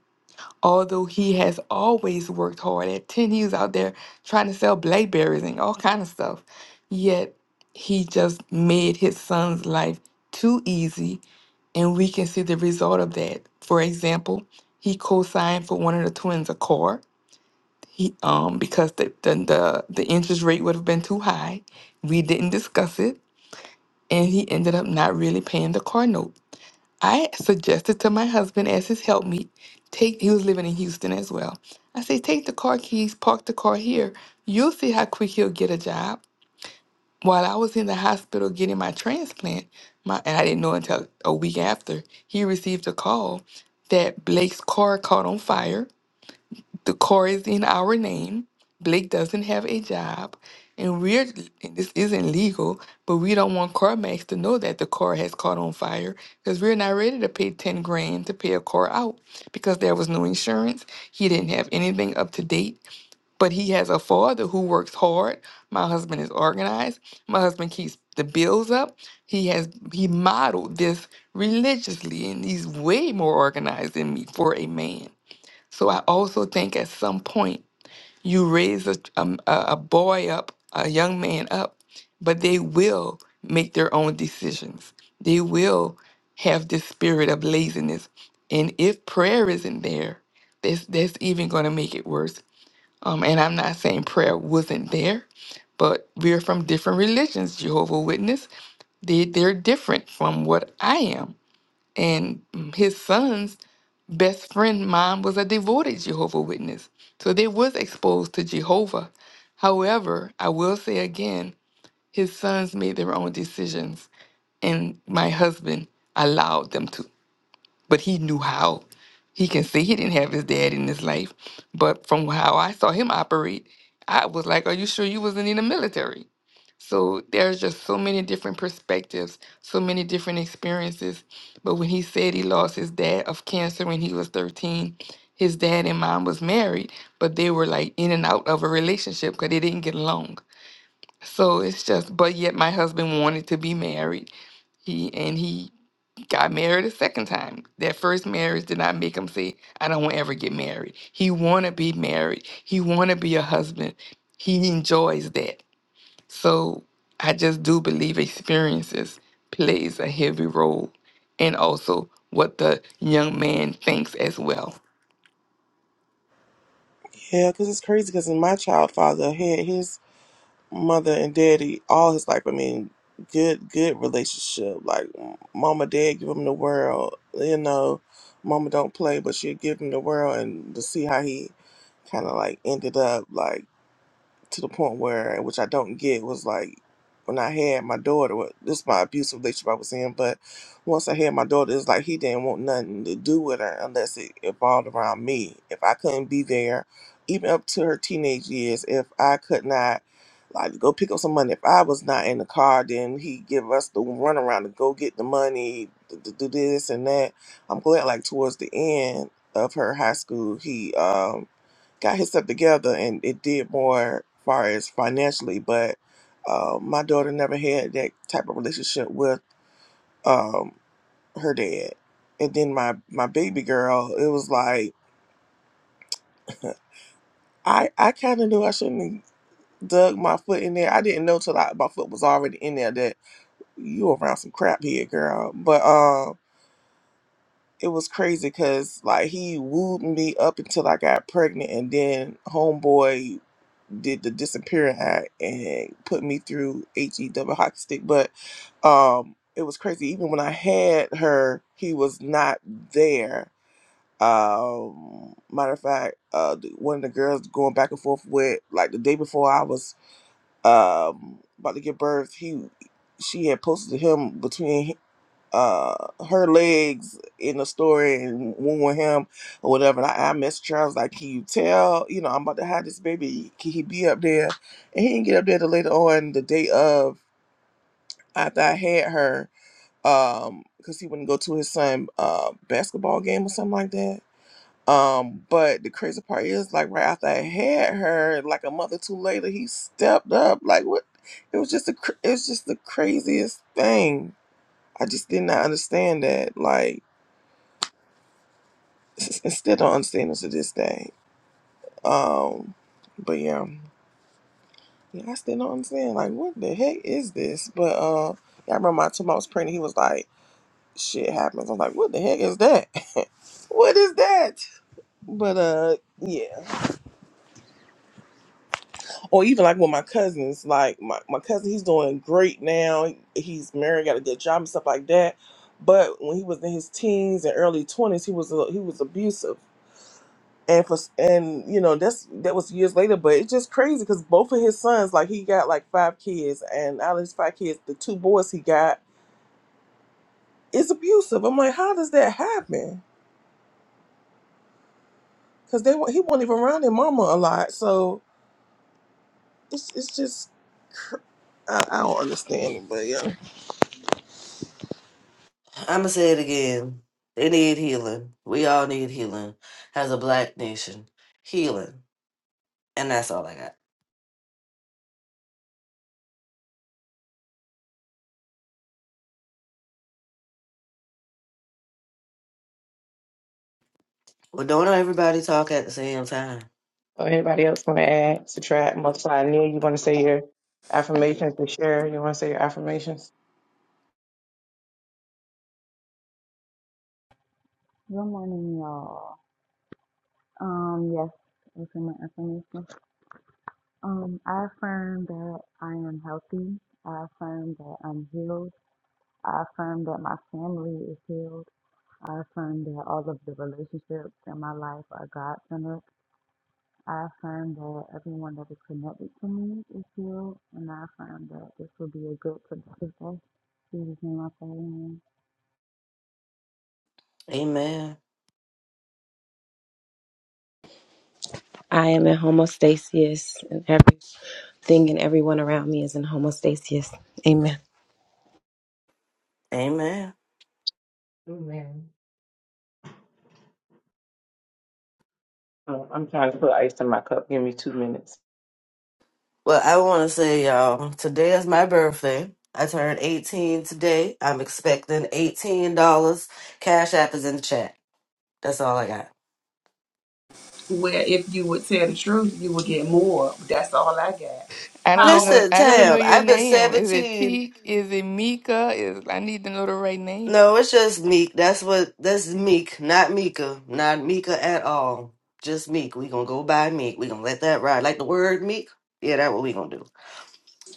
although he has always worked hard at 10 he was out there trying to sell blackberries and all kind of stuff yet he just made his son's life too easy and we can see the result of that for example he co-signed for one of the twins a car he um because the the the, the interest rate would have been too high we didn't discuss it and he ended up not really paying the car note I suggested to my husband as his helpmeet, take he was living in Houston as well. I say, take the car keys, park the car here. You'll see how quick he'll get a job. While I was in the hospital getting my transplant, my and I didn't know until a week after, he received a call that Blake's car caught on fire the core is in our name. Blake doesn't have a job. And we're, and this isn't legal, but we don't want CarMax to know that the car has caught on fire because we're not ready to pay 10 grand to pay a car out because there was no insurance. He didn't have anything up to date, but he has a father who works hard. My husband is organized. My husband keeps the bills up. He has, he modeled this religiously and he's way more organized than me for a man. So I also think at some point you raise a, um, a, a boy up, a young man up, but they will make their own decisions. They will have this spirit of laziness. And if prayer isn't there, that's, that's even going to make it worse. Um, and I'm not saying prayer wasn't there, but we're from different religions. Jehovah Witness, they, they're different from what I am. And mm, his sons best friend mine was a devoted Jehovah Witness, so they was exposed to Jehovah. However, I will say again, his sons made their own decisions, and my husband allowed them to. But he knew how. He can say he didn't have his dad in his life, but from how I saw him operate, I was like, "Are you sure you wasn't in the military?" So there's just so many different perspectives, so many different experiences. But when he said he lost his dad of cancer when he was 13, his dad and mom was married, but they were like in and out of a relationship because they didn't get along. So it's just, but yet my husband wanted to be married. He and he got married a second time. That first marriage did not make him say, I don't want to ever get married. He wanna be married. He wanna be a husband. He enjoys that so I just do believe experiences plays a heavy role and also what the young man thinks as well. Yeah, because it's crazy. Because my child father had his mother and daddy all his life. I mean, good good relationship. Like, mama, dad give him the world. You know, mama don't play, but she give him the world, and to see how he kind of like ended up like. to the point where, which I don't get, was like when I had my daughter. well, This is my abusive relationship I was in, but once I had my daughter, it's like he didn't want nothing to do with her unless it evolved around me. If I couldn't be there, even up to her teenage years, if I could not. Like go pick up some money. If I was not in the car, then he give us the runaround to go get the money, to to do this and that. I'm glad, like towards the end of her high school, he um got his stuff together and it did more far as financially but uh, my daughter never had that type of relationship with um, her dad and then my my baby girl it was like i i kind of knew i shouldn't have dug my foot in there i didn't know till I, my foot was already in there that you around some crap here girl but um it was crazy because like he wooed me up until i got pregnant and then homeboy did the disappearing act and had put me through he double hockey stick but um it was crazy even when i had her he was not there um matter of fact uh the- one of the girls going back and forth with like the day before i was um about to give birth he she had posted to him between uh her legs in the story and one with him or whatever. And I, I messaged her, I was like, Can you tell, you know, I'm about to have this baby, can he be up there? And he didn't get up there till later on the day of after I had her, um, because he wouldn't go to his son uh basketball game or something like that. Um, but the crazy part is like right after I had her, like a month or two later, he stepped up. Like what it was just a cr- it was just the craziest thing. I just did not understand that. Like s- I still don't understand this to this day. Um, but yeah, yeah, I still don't understand. Like, what the heck is this? But uh, yeah, I remember my two I was pregnant, he was like, "Shit happens." I'm like, "What the heck is that? what is that?" But uh, yeah. Or even like with my cousins, like my my cousin, he's doing great now. He's married, got a good job and stuff like that. But when he was in his teens and early twenties, he was a, he was abusive and for and you know that's that was years later but it's just crazy because both of his sons like he got like five kids and out of his five kids the two boys he got is abusive i'm like how does that happen because they wa- he wasn't even around their mama a lot so it's, it's just cr- I, I don't understand it but yeah I'ma say it again. They need healing. We all need healing. As a black nation. Healing. And that's all I got. Well don't everybody talk at the same time. So anybody else want to add, subtract, multiply, new? You want to say your affirmations to share? You want to say your affirmations? Good morning, y'all. Um, yes, this is my affirmation. Um, I affirm that I am healthy. I affirm that I'm healed. I affirm that my family is healed. I affirm that all of the relationships in my life are God centered. I affirm that everyone that is connected to me is healed. And I affirm that this will be a good, productive day. In Jesus' name I pray. amen. Amen. I am in homostasis, and everything and everyone around me is in homostasis. Amen. Amen. Amen. Oh, Well I wanna say y'all, today is my birthday. I turned 18 today. I'm expecting $18. Cash app is in the chat. That's all I got. Where if you would tell the truth, you would get more. That's all I got. I don't even How old know you Listen, I don't even know Tam, turning? your I've been name. Is it 17. Teak? Is it Mika? Is I need to know the right name. No, it's just Meek. That's what that's Meek, not Mika. Not Mika at all. Just Meek. We gonna go by Meek. We gonna let that ride. Like the word Meek. Yeah, that's what we gonna do.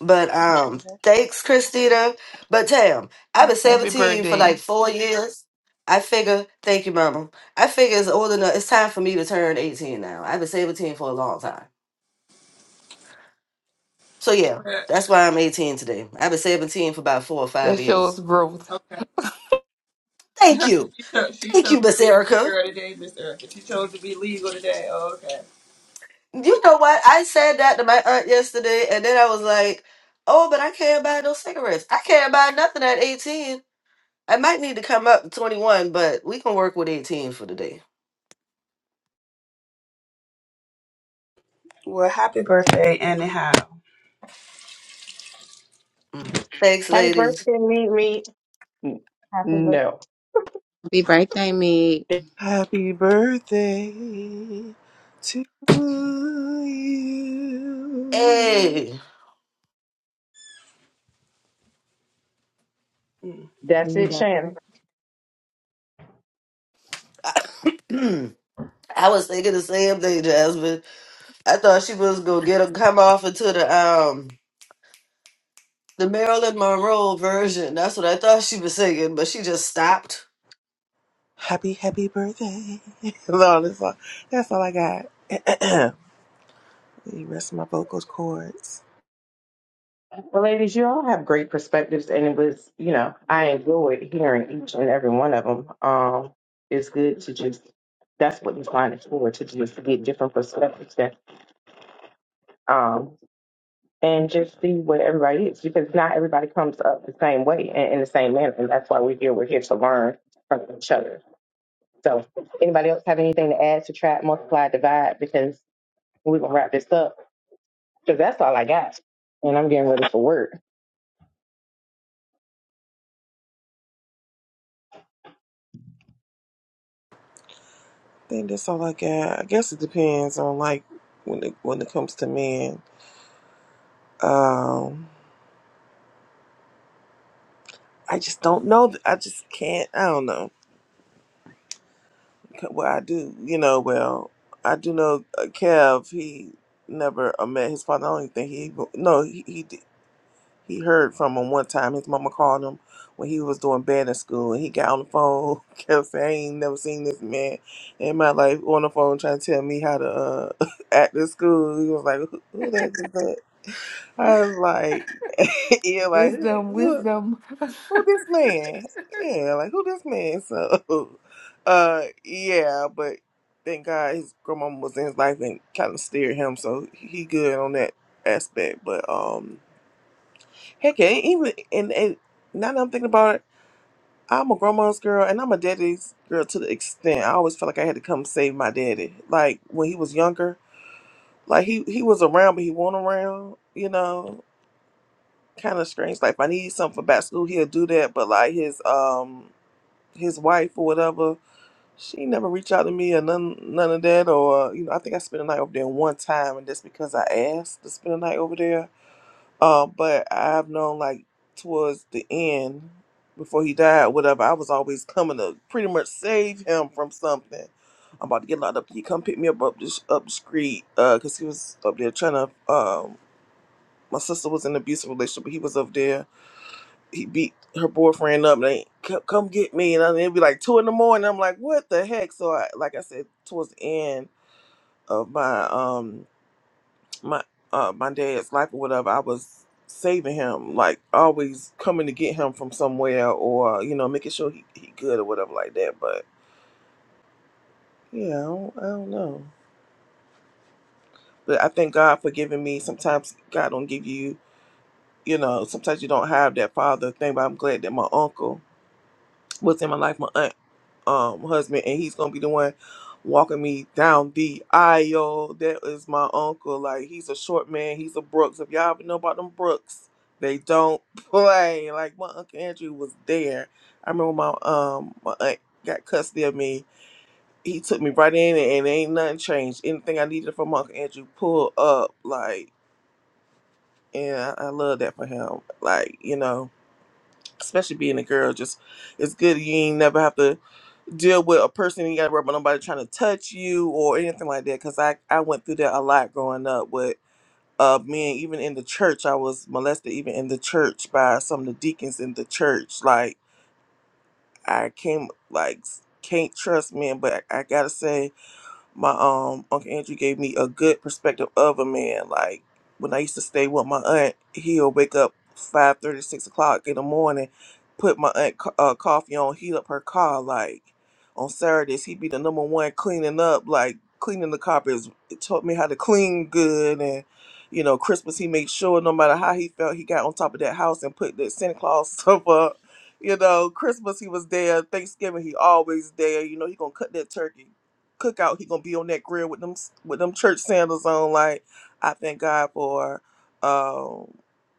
But um, thanks, Christina. But Tam, I've been Happy 17 for birthday. like four years. I figure, thank you, Mama. I figure it's old enough. It's time for me to turn 18 now. I've been 17 for a long time. So yeah, that's why I'm 18 today. I've been 17 for about four or five That shows years. growth. Well, Thank you. She chose, she Thank chose you, to Miss be a big Erica. girl today, Miss Erica. She chose to be legal today. Oh, okay. You know what? I said that to my aunt yesterday, and then I was like, "Oh, but I can't buy no cigarettes. I can't buy nothing at 18. I might need to come up to 21, but we can work with 18 for the day." Well, happy birthday, anyhow. Mm. Thanks, I- ladies. n- Happy birthday. No. Happy birthday, me. happy birthday to you Hey, to That's it, you, Shannon. I was thinking the same thing, Jasmine. I thought she was gonna get a come off into the um the Marilyn Monroe version. That's what I thought she was singing, but she just stopped. happy happy birthday Lord, that's all, that's all i got The rest of my vocal cords. Well, ladies, you all have great perspectives, and it was, you know, I enjoyed hearing each and every one of them. Um, it's good to just, that's what you find it for, to just get different perspectives that um, and just see what everybody is because not everybody comes up the same way and in the same manner. And that's why we're here. We're here to learn from each other. So, anybody else have anything to add, to subtract, multiply, divide? Because we're going to wrap this up because that's all I got. And I'm getting ready for work. I think that's all I got. I guess it depends on like when it when it comes to men. Um, I just don't know. I just can't. I don't know Well, I do. You know, well, I do know uh, Kev. He never uh, met his father. I don't even think he no. He, he He heard from him one time. His mama called him when he was doing bad in school, and he got on the phone, kept saying, "I ain't never seen this man in my life." On the phone, trying to tell me how to uh, act in school. He was like, "Who, who that is that?" I was like, "Yeah, like who, Wisdom, who, wisdom. who this man? Yeah, like who this man?" So, uh, yeah, but thank God his grandmama was in his life and kind of steered him, so he good on that aspect. But um. Heck yeah, and even and, and now that I'm thinking about it, I'm a grandma's girl and I'm a daddy's girl to the extent I always felt like I had to come save my daddy. Like when he was younger, like he he was around but he wasn't around, you know. Kind of strange. Like if I need something for back school, he'll do that. But like his um his wife or whatever, she never reached out to me or none none of that. Or you know, I think I spent a night over there one time, and that's because I asked to spend a night over there Um, but I've known like towards the end, before he died, whatever, I was always coming to pretty much save him from something. I'm about to get locked up. He come pick me up up this up the street, uh, cause he was up there trying to. Um, my sister was in an abusive relationship, but he was up there. He beat her boyfriend up. And they come, come get me, and I- it'd be like two in the morning. I'm like, what the heck? So I, like I said, towards the end of my um my uh my dad's life or whatever, I was saving him, like always coming to get him from somewhere or you know making sure he he good or whatever like that. But yeah, I don't, I don't know. But I thank God for giving me. Sometimes God don't give you, you know. Sometimes you don't have that father thing. But I'm glad that my uncle was in my life. My aunt um husband and he's gonna be the one walking me down the aisle. That is my uncle. Like he's a short man, he's a Brooks. If y'all ever know about them Brooks, they don't play. Like my Uncle Andrew was there. I remember my um my aunt got custody of me. He took me right in and ain't nothing changed. Anything I needed from Uncle Andrew pull up like and I, I love that for him. Like, you know, especially being a girl, just it's good you ain't never have to deal with a person you got to worry about nobody trying to touch you or anything like that. Because I I went through that a lot growing up with uh men. Even in the church, I was molested. Even in the church by some of the deacons in the church. Like I came like can't trust men, but I, I gotta say my um Uncle Andrew gave me a good perspective of a man. Like when I used to stay with my aunt, he'll wake up five thirty, six o'clock in the morning, put my aunt co- uh, coffee on, heat up her car. Like on Saturdays, he'd be the number one cleaning up, like cleaning the carpets. It taught me how to clean good and. You know, Christmas he made sure no matter how he felt, he got on top of that house and put that Santa Claus stuff up. You know, Christmas he was there. Thanksgiving he always there. You know, he gonna cut that turkey cookout, he gonna be on that grill with them with them church sandals on. Like, I thank God for, um,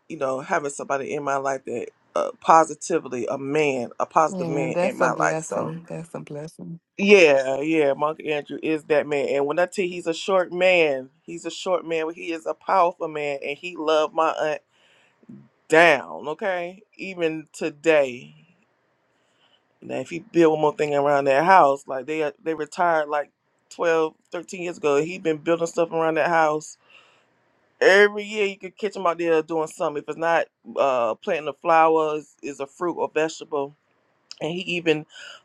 you know, having somebody in my life that uh, positively a man, a positive yeah, man in that's a my life. So, Mhm. blessing. That's a blessing. yeah, yeah, Monk Andrew is that man. And when I tell you he's a short man, he's a short man, but he is a powerful man, and he loved my aunt down. Okay, even today. Now, if he build one more thing around that house, like they uh, they retired like 12, 13 years ago, he been building stuff around that house. Every year you could catch him out there doing something. If it's not uh, planting the flowers, is a fruit or vegetable and he even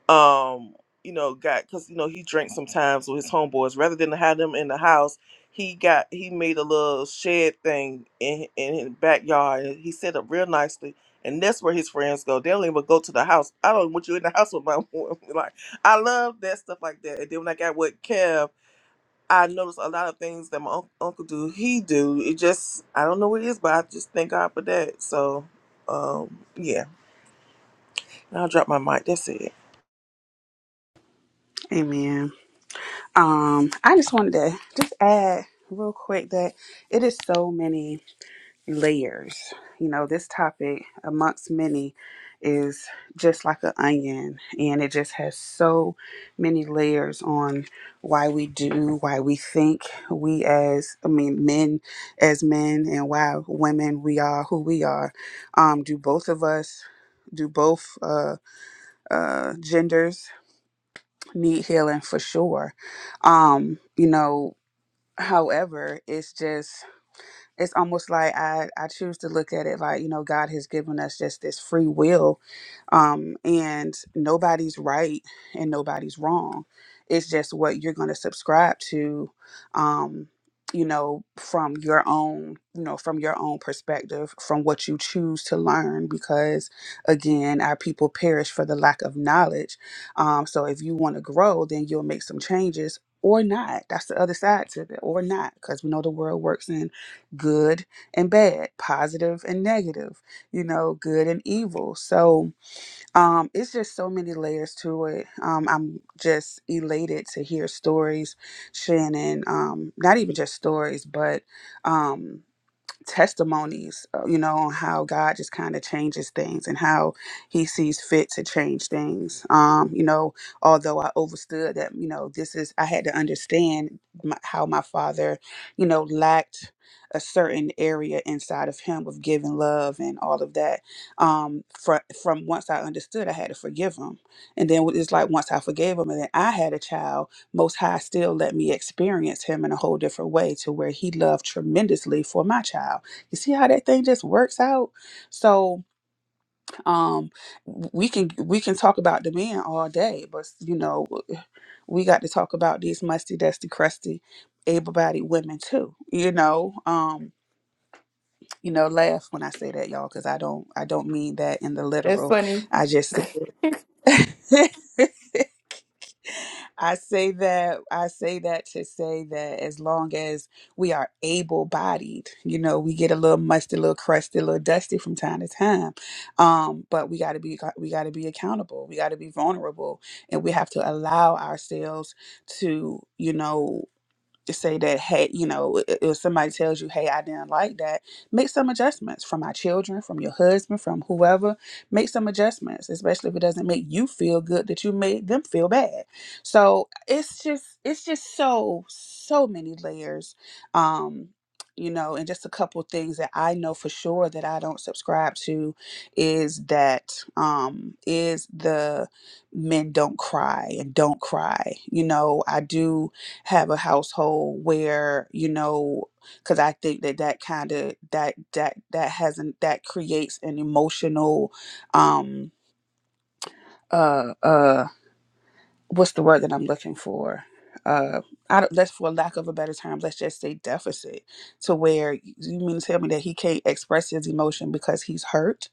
um you know got because you know he drank sometimes with his homeboys rather than have them in the house he got he made a little shed thing in in his backyard and he set up real nicely and that's where his friends go they don't even go to the house i don't want you in the house with my woman. like i love that stuff like that and then when i got with kev i noticed a lot of things that my unc- uncle do he do it just i don't know what it is but i just thank god for that so um yeah i'll drop my mic that's it Amen. Um, I just wanted to just add real quick that it is so many layers. You know, this topic, amongst many, is just like an onion, and it just has so many layers on why we do, why we think we as, I mean, men as men, and why women we are who we are. Um, do both of us, do both uh, uh, genders need healing for sure? Um, you know, however, it's just it's almost like I, I choose to look at it like you know god has given us just this free will um, and nobody's right and nobody's wrong it's just what you're going to subscribe to um, you know from your own you know from your own perspective from what you choose to learn because again our people perish for the lack of knowledge um, so if you want to grow then you'll make some changes or not that's the other side to it or not because we know the world works in good and bad, positive and negative, you know, good and evil. So um, it's just so many layers to it. Um, I'm just elated to hear stories, Shannon, um, not even just stories, but. Um, testimonies, uh, you know, on how God just kind of changes things and how He sees fit to change things. Um, you know, although I overstood that, you know, this is I had to understand my, how my father, you know, lacked a certain area inside of him of giving love and all of that. Um, from from once I understood, I had to forgive him, and then it's like once I forgave him, and then I had a child most High still let me experience him in a whole different way to where he loved tremendously for my child. You see how that thing just works out? So um we can we can talk about the man all day, but you know, we got to talk about these musty, dusty, crusty, able bodied women too. You know, um, you know, laugh when I say that, y'all, because I don't I don't mean that in the That's literal. funny. I just I say that I say that to say that as long as we are able bodied, you know, we get a little musty, a little crusty, a little dusty from time to time. Um, but we gotta be we gotta be accountable. We gotta be vulnerable and we have to allow ourselves to, you know, to say that hey you know i- if somebody tells you hey i didn't like that make some adjustments from my children from your husband from whoever make some adjustments especially if it doesn't make you feel good that you made them feel bad so it's just it's just so so many layers um you know and just a couple things that i know for sure that i don't subscribe to is that um is the men don't cry and don't cry you know i do have a household where you know because i think that that kind of that that that hasn't that creates an emotional um uh uh what's the word that I'm looking for? Uh, I don't, let's for lack of a better term, let's just say deficit, to where you mean to tell me that he can't express his emotion because he's hurt.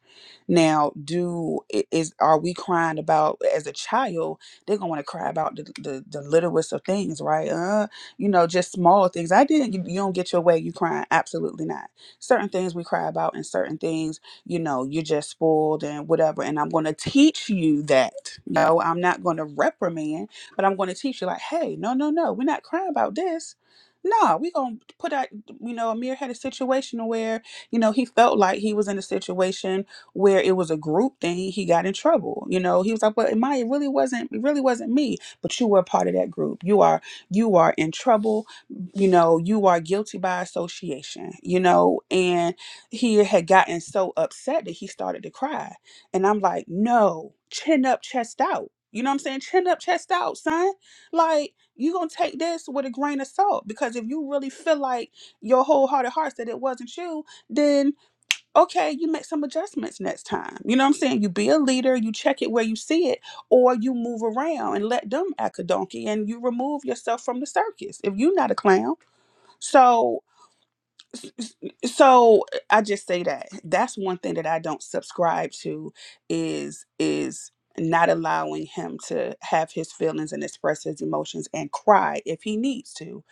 Now, do i- is are we crying about as a child? They're gonna want to cry about the, the the littlest of things, right? Uh, you know, just small things. I didn't. You, you don't get your way. You crying? Absolutely not. Certain things we cry about, and certain things you know, you're just spoiled and whatever. And I'm going to teach you that. No, I'm not going to reprimand, but I'm going to teach you, like, hey, no, no, no, we're not crying about this. No, we're going to put out, you know, Amir had a situation where, you know, he felt like he was in a situation where it was a group thing. He got in trouble. You know, he was like, but Maya, it really wasn't, it really wasn't me, but you were a part of that group. You are, you are in trouble. You know, you are guilty by association, you know, and he had gotten so upset that he started to cry. And I'm like, no, chin up, chest out. You know what I'm saying? Chin up, chest out, son. Like, you gonna take this with a grain of salt. Because if you really feel like your wholehearted heart that it wasn't you, then okay, you make some adjustments next time. You know what I'm saying? You be a leader, you check it where you see it, or you move around and let them act a donkey and you remove yourself from the circus if you're not a clown. So so i just say that that's one thing that i don't subscribe to is is not allowing him to have his feelings and express his emotions and cry if he needs to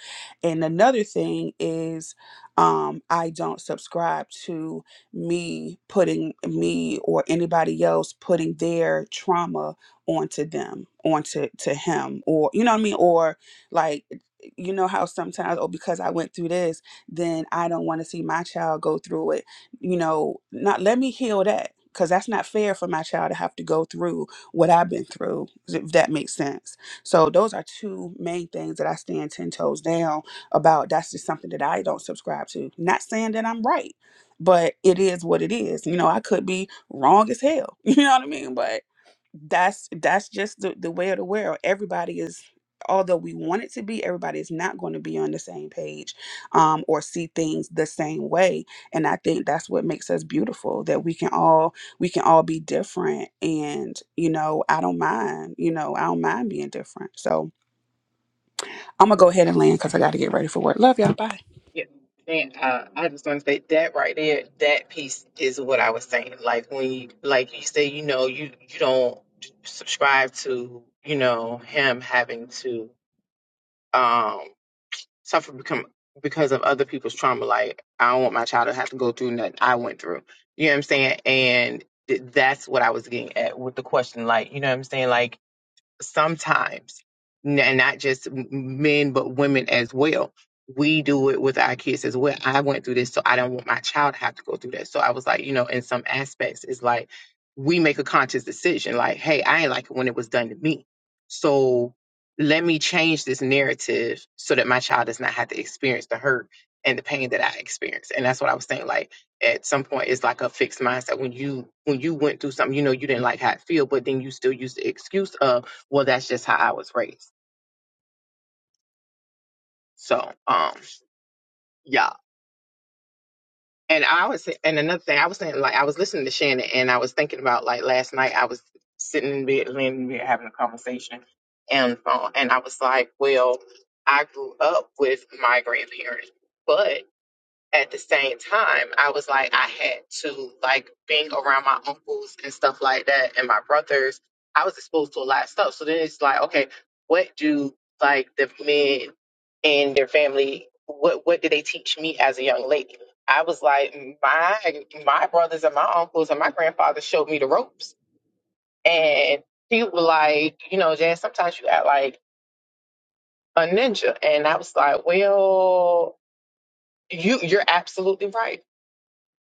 and another thing is um i don't subscribe to me putting me or anybody else putting their trauma onto them onto to him or you know what i mean or like you know how sometimes oh because i went through this then I don't want to see my child go through it. You know, not let me heal that because that's not fair for my child to have to go through what I've been through, if that makes sense. So, those are two main things that I stand 10 toes down about. That's just something that I don't subscribe to. Not saying that I'm right, but it is what it is. You know, I could be wrong as hell. You know what I mean? But that's that's just the, the way of the world everybody is although we want it to be everybody is not going to be on the same page um, or see things the same way and i think that's what makes us beautiful that we can all we can all be different and you know i don't mind you know i don't mind being different so i'm gonna go ahead and land because i gotta get ready for work love y'all bye Yeah, and uh, I just want to say that right there, that piece is what I was saying. Like when, you, like you say, you know, you you don't subscribe to, you know, him having to. um suffer become because of other people's trauma. Like I don't want my child to have to go through nothing I went through. You know what I'm saying? And th- that's what I was getting at with the question. Like you know what I'm saying? Like sometimes, n- and not just m- men, but women as well. We do it with our kids as well. I went through this, so I don't want my child to have to go through that. So I was like, you know, in some aspects, it's like we make a conscious decision like, hey, I ain't like it when it was done to me. So let me change this narrative so that my child does not have to experience the hurt and the pain that I experienced. And that's what I was saying. Like, at some point it's like a fixed mindset when you when you went through something you know you didn't like how it feel but then you still use the excuse of well, that's just how I was raised. So, um, yeah. And I was, and another thing I was saying, like, I was listening to Shannon and I was thinking about, like, last night I was sitting in bed, laying in bed, having a conversation and phone. And I was like, well, I grew up with my grandparents, but. at the same time, I was like, I had to like being around my uncles and stuff like that and my brothers, I was exposed to a lot of stuff. So then it's like, okay, what do like the men and their family what what did they teach me as a young lady? I was like, my my brothers and my uncles and my grandfather showed me the ropes. And he was like, you know, Jan, sometimes you act like a ninja. And I was like, Well, you you're absolutely right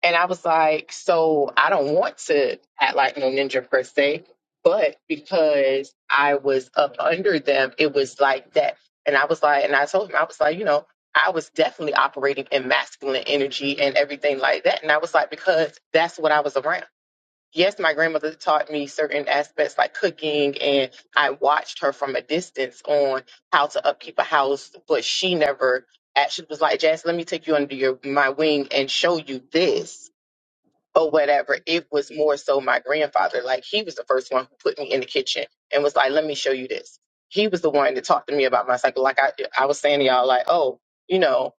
And I was like, so I don't want to act like no ninja per se, but because I was up under them, it was like that. And I was like, and I told him, I was like, you know, I was definitely operating in masculine energy and everything like that. And I was like, because that's what I was around. Yes, my grandmother taught me certain aspects like cooking, and I watched her from a distance on how to upkeep a house, but she never actually was like, Jazz, let me take you under your my wing and show you this or whatever. It was more so my grandfather. Like he was the first one who put me in the kitchen and was like, "Let me show you this." He was the one that talked to me about my cycle. Like I, I was saying to y'all, like, "Oh, you know,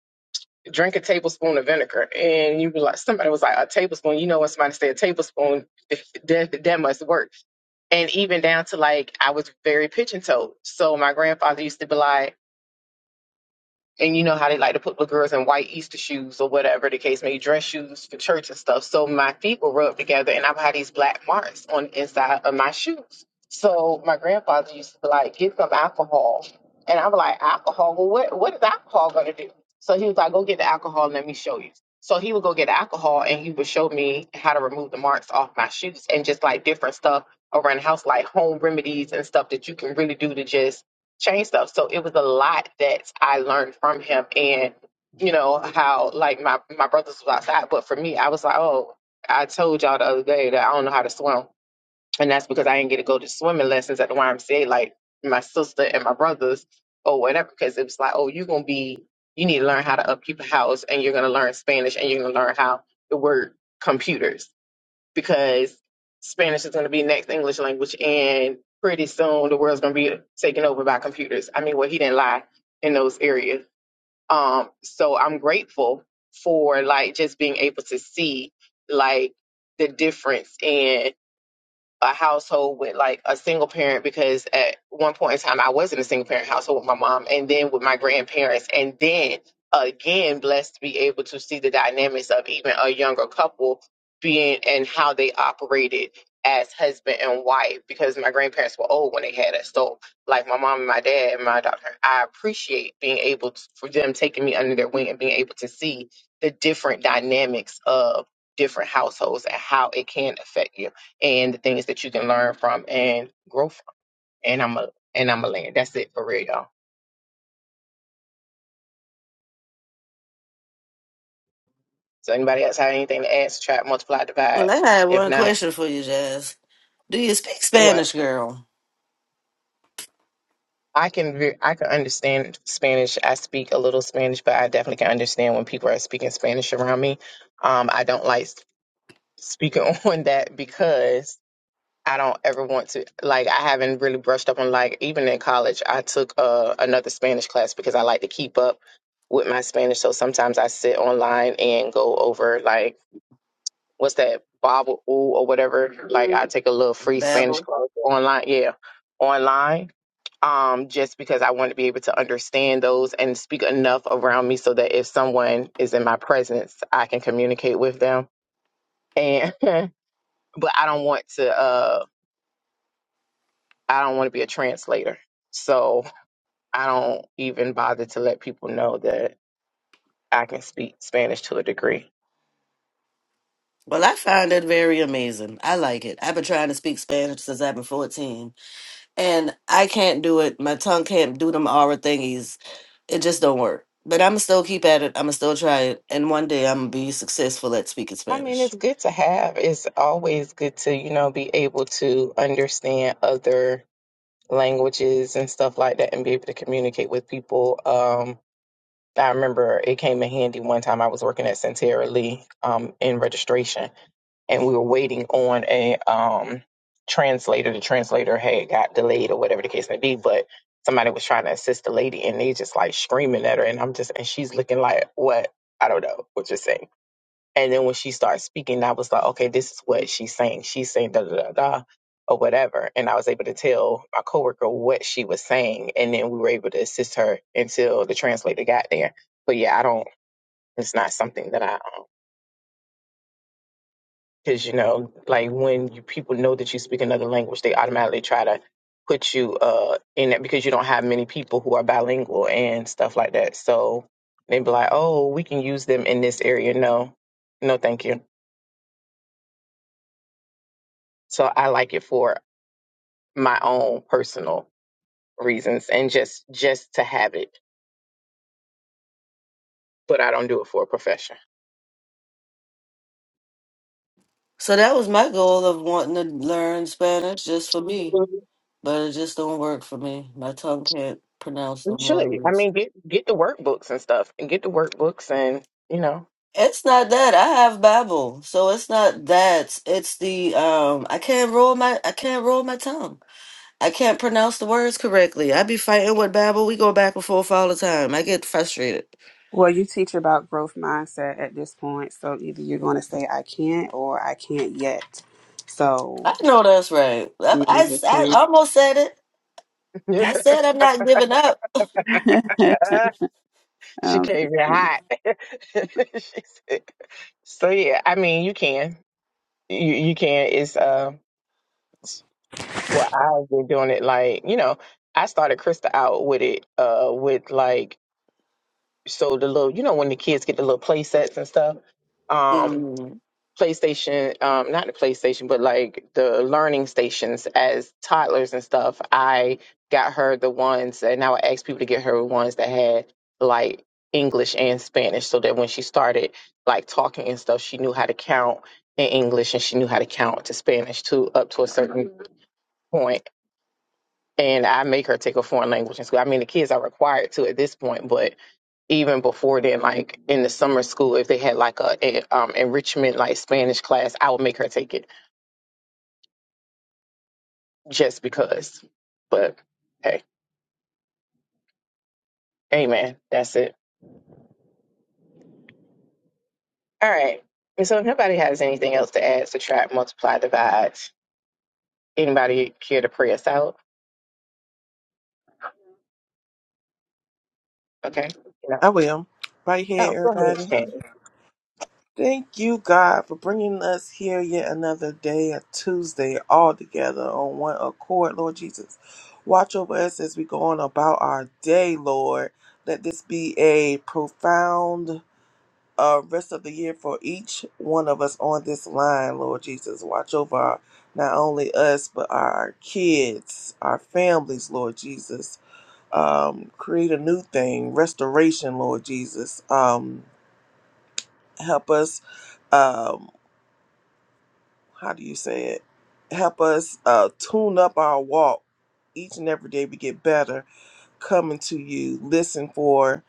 drink a tablespoon of vinegar," and you were like, somebody was like, "A tablespoon." You know, when somebody say a tablespoon, that that must work. And even down to like, I was very pigeon toed. So my grandfather used to be like and you know how they like to put the girls in white Easter shoes or whatever the case may be, dress shoes for church and stuff. So my feet were rubbed together and I've had these black marks on the inside of my shoes. So my grandfather used to be like, get some alcohol. And I was like, alcohol? Well, what, what is alcohol going to do? So he was like, go get the alcohol and let me show you. So he would go get alcohol and he would show me how to remove the marks off my shoes and just like different stuff around the house, like home remedies and stuff that you can really do to just change stuff. So it was a lot that I learned from him and you know how like my my brothers was outside, but for me I was like, oh, I told y'all the other day that I don't know how to swim, and that's because I didn't get to go to swimming lessons at the YMCA like my sister and my brothers or whatever. Because it was like, oh, you're gonna be you need to learn how to upkeep a house, and you're gonna learn Spanish, and you're gonna learn how to work computers because Spanish is going to be next English language, and pretty soon the world's going to be taken over by computers. I mean, well, he didn't lie in those areas. Um, so I'm grateful for like just being able to see like the difference in a household with like a single parent because at one point in time I was in a single parent household with my mom and then with my grandparents and then again blessed to be able to see the dynamics of even a younger couple being and how they operated as husband and wife because my grandparents were old when they had us. So like my mom and my dad and my daughter, I appreciate being able to, for them taking me under their wing and being able to see the different dynamics of different households and how it can affect you and the things that you can learn from and grow from. And I'm a and I'm a land. That's it for real, y'all. So anybody else have anything to add, subtract, multiply, divide? Well, I had If one not, question for you, Jazz. Do you speak what Spanish, girl? I can re- I can understand Spanish. I speak a little Spanish, but I definitely can understand when people are speaking Spanish around me. Um, I don't like s- speaking on that because I don't ever want to like I haven't really brushed up on like even in college I took uh, another Spanish class because I like to keep up with my Spanish so sometimes I sit online and go over like what's that Bible or whatever like I take a little free Spanish Babble. class online yeah online um, just because I want to be able to understand those and speak enough around me so that if someone is in my presence, I can communicate with them. And but I don't want to. uh, I don't want to be a translator. So I don't even bother to let people know that I can speak Spanish to a degree. Well, I find it very amazing. I like it. I've been trying to speak Spanish since I've been 14, and I can't do it. My tongue can't do them aura thingies. It just don't work. But I'm still keep at it. I'm gonna still try it, and one day I'm gonna be successful at speaking I mean, Spanish. it's good to have. It's always good to, you know, be able to understand other languages and stuff like that and be able to communicate with people. Um, I remember it came in handy one time I was working at Centera Lee um, in registration and we were waiting on a um translator. The translator had got delayed or whatever the case may be, but somebody was trying to assist the lady and they just like screaming at her and I'm just and she's looking like what? I don't know what you're saying. And then when she started speaking, I was like, okay, this is what she's saying. She's saying da da da da or whatever. And I was able to tell my coworker what she was saying and then we were able to assist her until the translator got there. But yeah, I don't it's not something that I because you know like when you people know that you speak another language they automatically try to put you uh in it because you don't have many people who are bilingual and stuff like that so they'd be like oh we can use them in this area no no thank you so i like it for my own personal reasons and just just to have it but i don't do it for a profession So that was my goal of wanting to learn Spanish just for me, but it just don't work for me. My tongue can't pronounce you them should i words. mean get get the workbooks and stuff and get the workbooks and you know It's not that I have Babel, so it's not that. It's the um I can't roll my I can't roll my tongue. I can't pronounce the words correctly. I be fighting with Babel. We go back and forth all the time. I get frustrated. well you teach about growth mindset at this point so either you're gonna say i can't or i can't yet so I know that's right. i I, mean i'm I, just I saying almost said it. I said I'm not giving up. She I'm just came in saying. hot. she said, so yeah, I mean, you can, you you can. It's uh, well, I've been doing it like you know, I started Krista out with it uh with like so the little you know when the kids get the little play sets and stuff. um. Mm, PlayStation, um, not the PlayStation, but like the learning stations as toddlers and stuff. I got her the ones, and I would ask people to get her ones that had like English and Spanish, so that when she started like talking and stuff, she knew how to count in English and she knew how to count to Spanish too, up to a certain point. And I make her take a foreign language in school. I mean, the kids are required to at this point, but even before then, like in the summer school, if they had like a, a um, enrichment like Spanish class, I would make her take it just because. But hey, amen. That's it. All right. And so if nobody has anything else to add, subtract, multiply, divide. Anybody care to pray us out? Okay. No. I will. Right Oh, here, go ahead, everybody. Shannon. Thank you, God, for bringing us here yet another day, a Tuesday, all together on one accord, Lord Jesus. Watch over us as we go on about our day, Lord. Let this be a profound uh, rest of the year for each one of us on this line, Lord Jesus. Watch over our, not only us, but our kids, our families, Lord Jesus. Um, create a new thing, restoration, Lord Jesus. Um, help us um how do you say it help us uh tune up our walk each and every day we get better coming to you listen for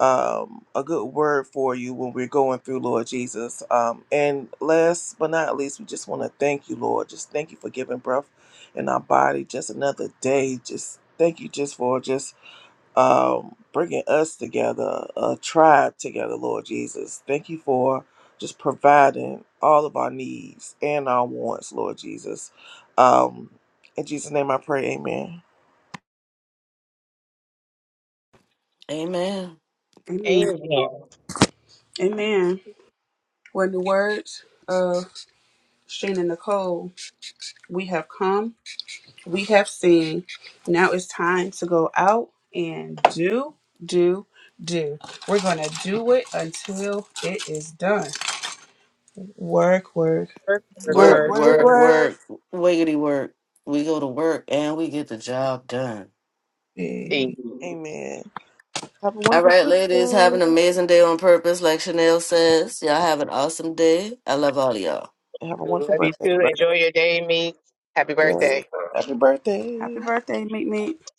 um a good word for you when we're going through lord jesus um and last but not least we just want to thank you lord just thank you for giving breath in our body just another day just thank you just for just um, bringing us together, a tribe together, Lord Jesus. Thank you for just providing all of our needs and our wants, Lord Jesus. Um, in Jesus' name I pray, amen. amen. amen Amen. amen well in the words of shane and nicole we have come we have seen. Now it's time to go out and do, do, do. We're going to do it until it is done. Work, work. Work, work, Work, Work, work, work, work, work. work. work, wiggity work. We go to work and we get the job done. eh. Amen. Amen. Have a All wonderful right, ladies, have an Tuesday. amazing day on purpose, like Chanel says. Y'all have an awesome day. I love all of y'all. And have a Love wonderful you too. birthday. Enjoy your day, me. Happy Yes. birthday. Happy Happy birthday. birthday, Meet Meet.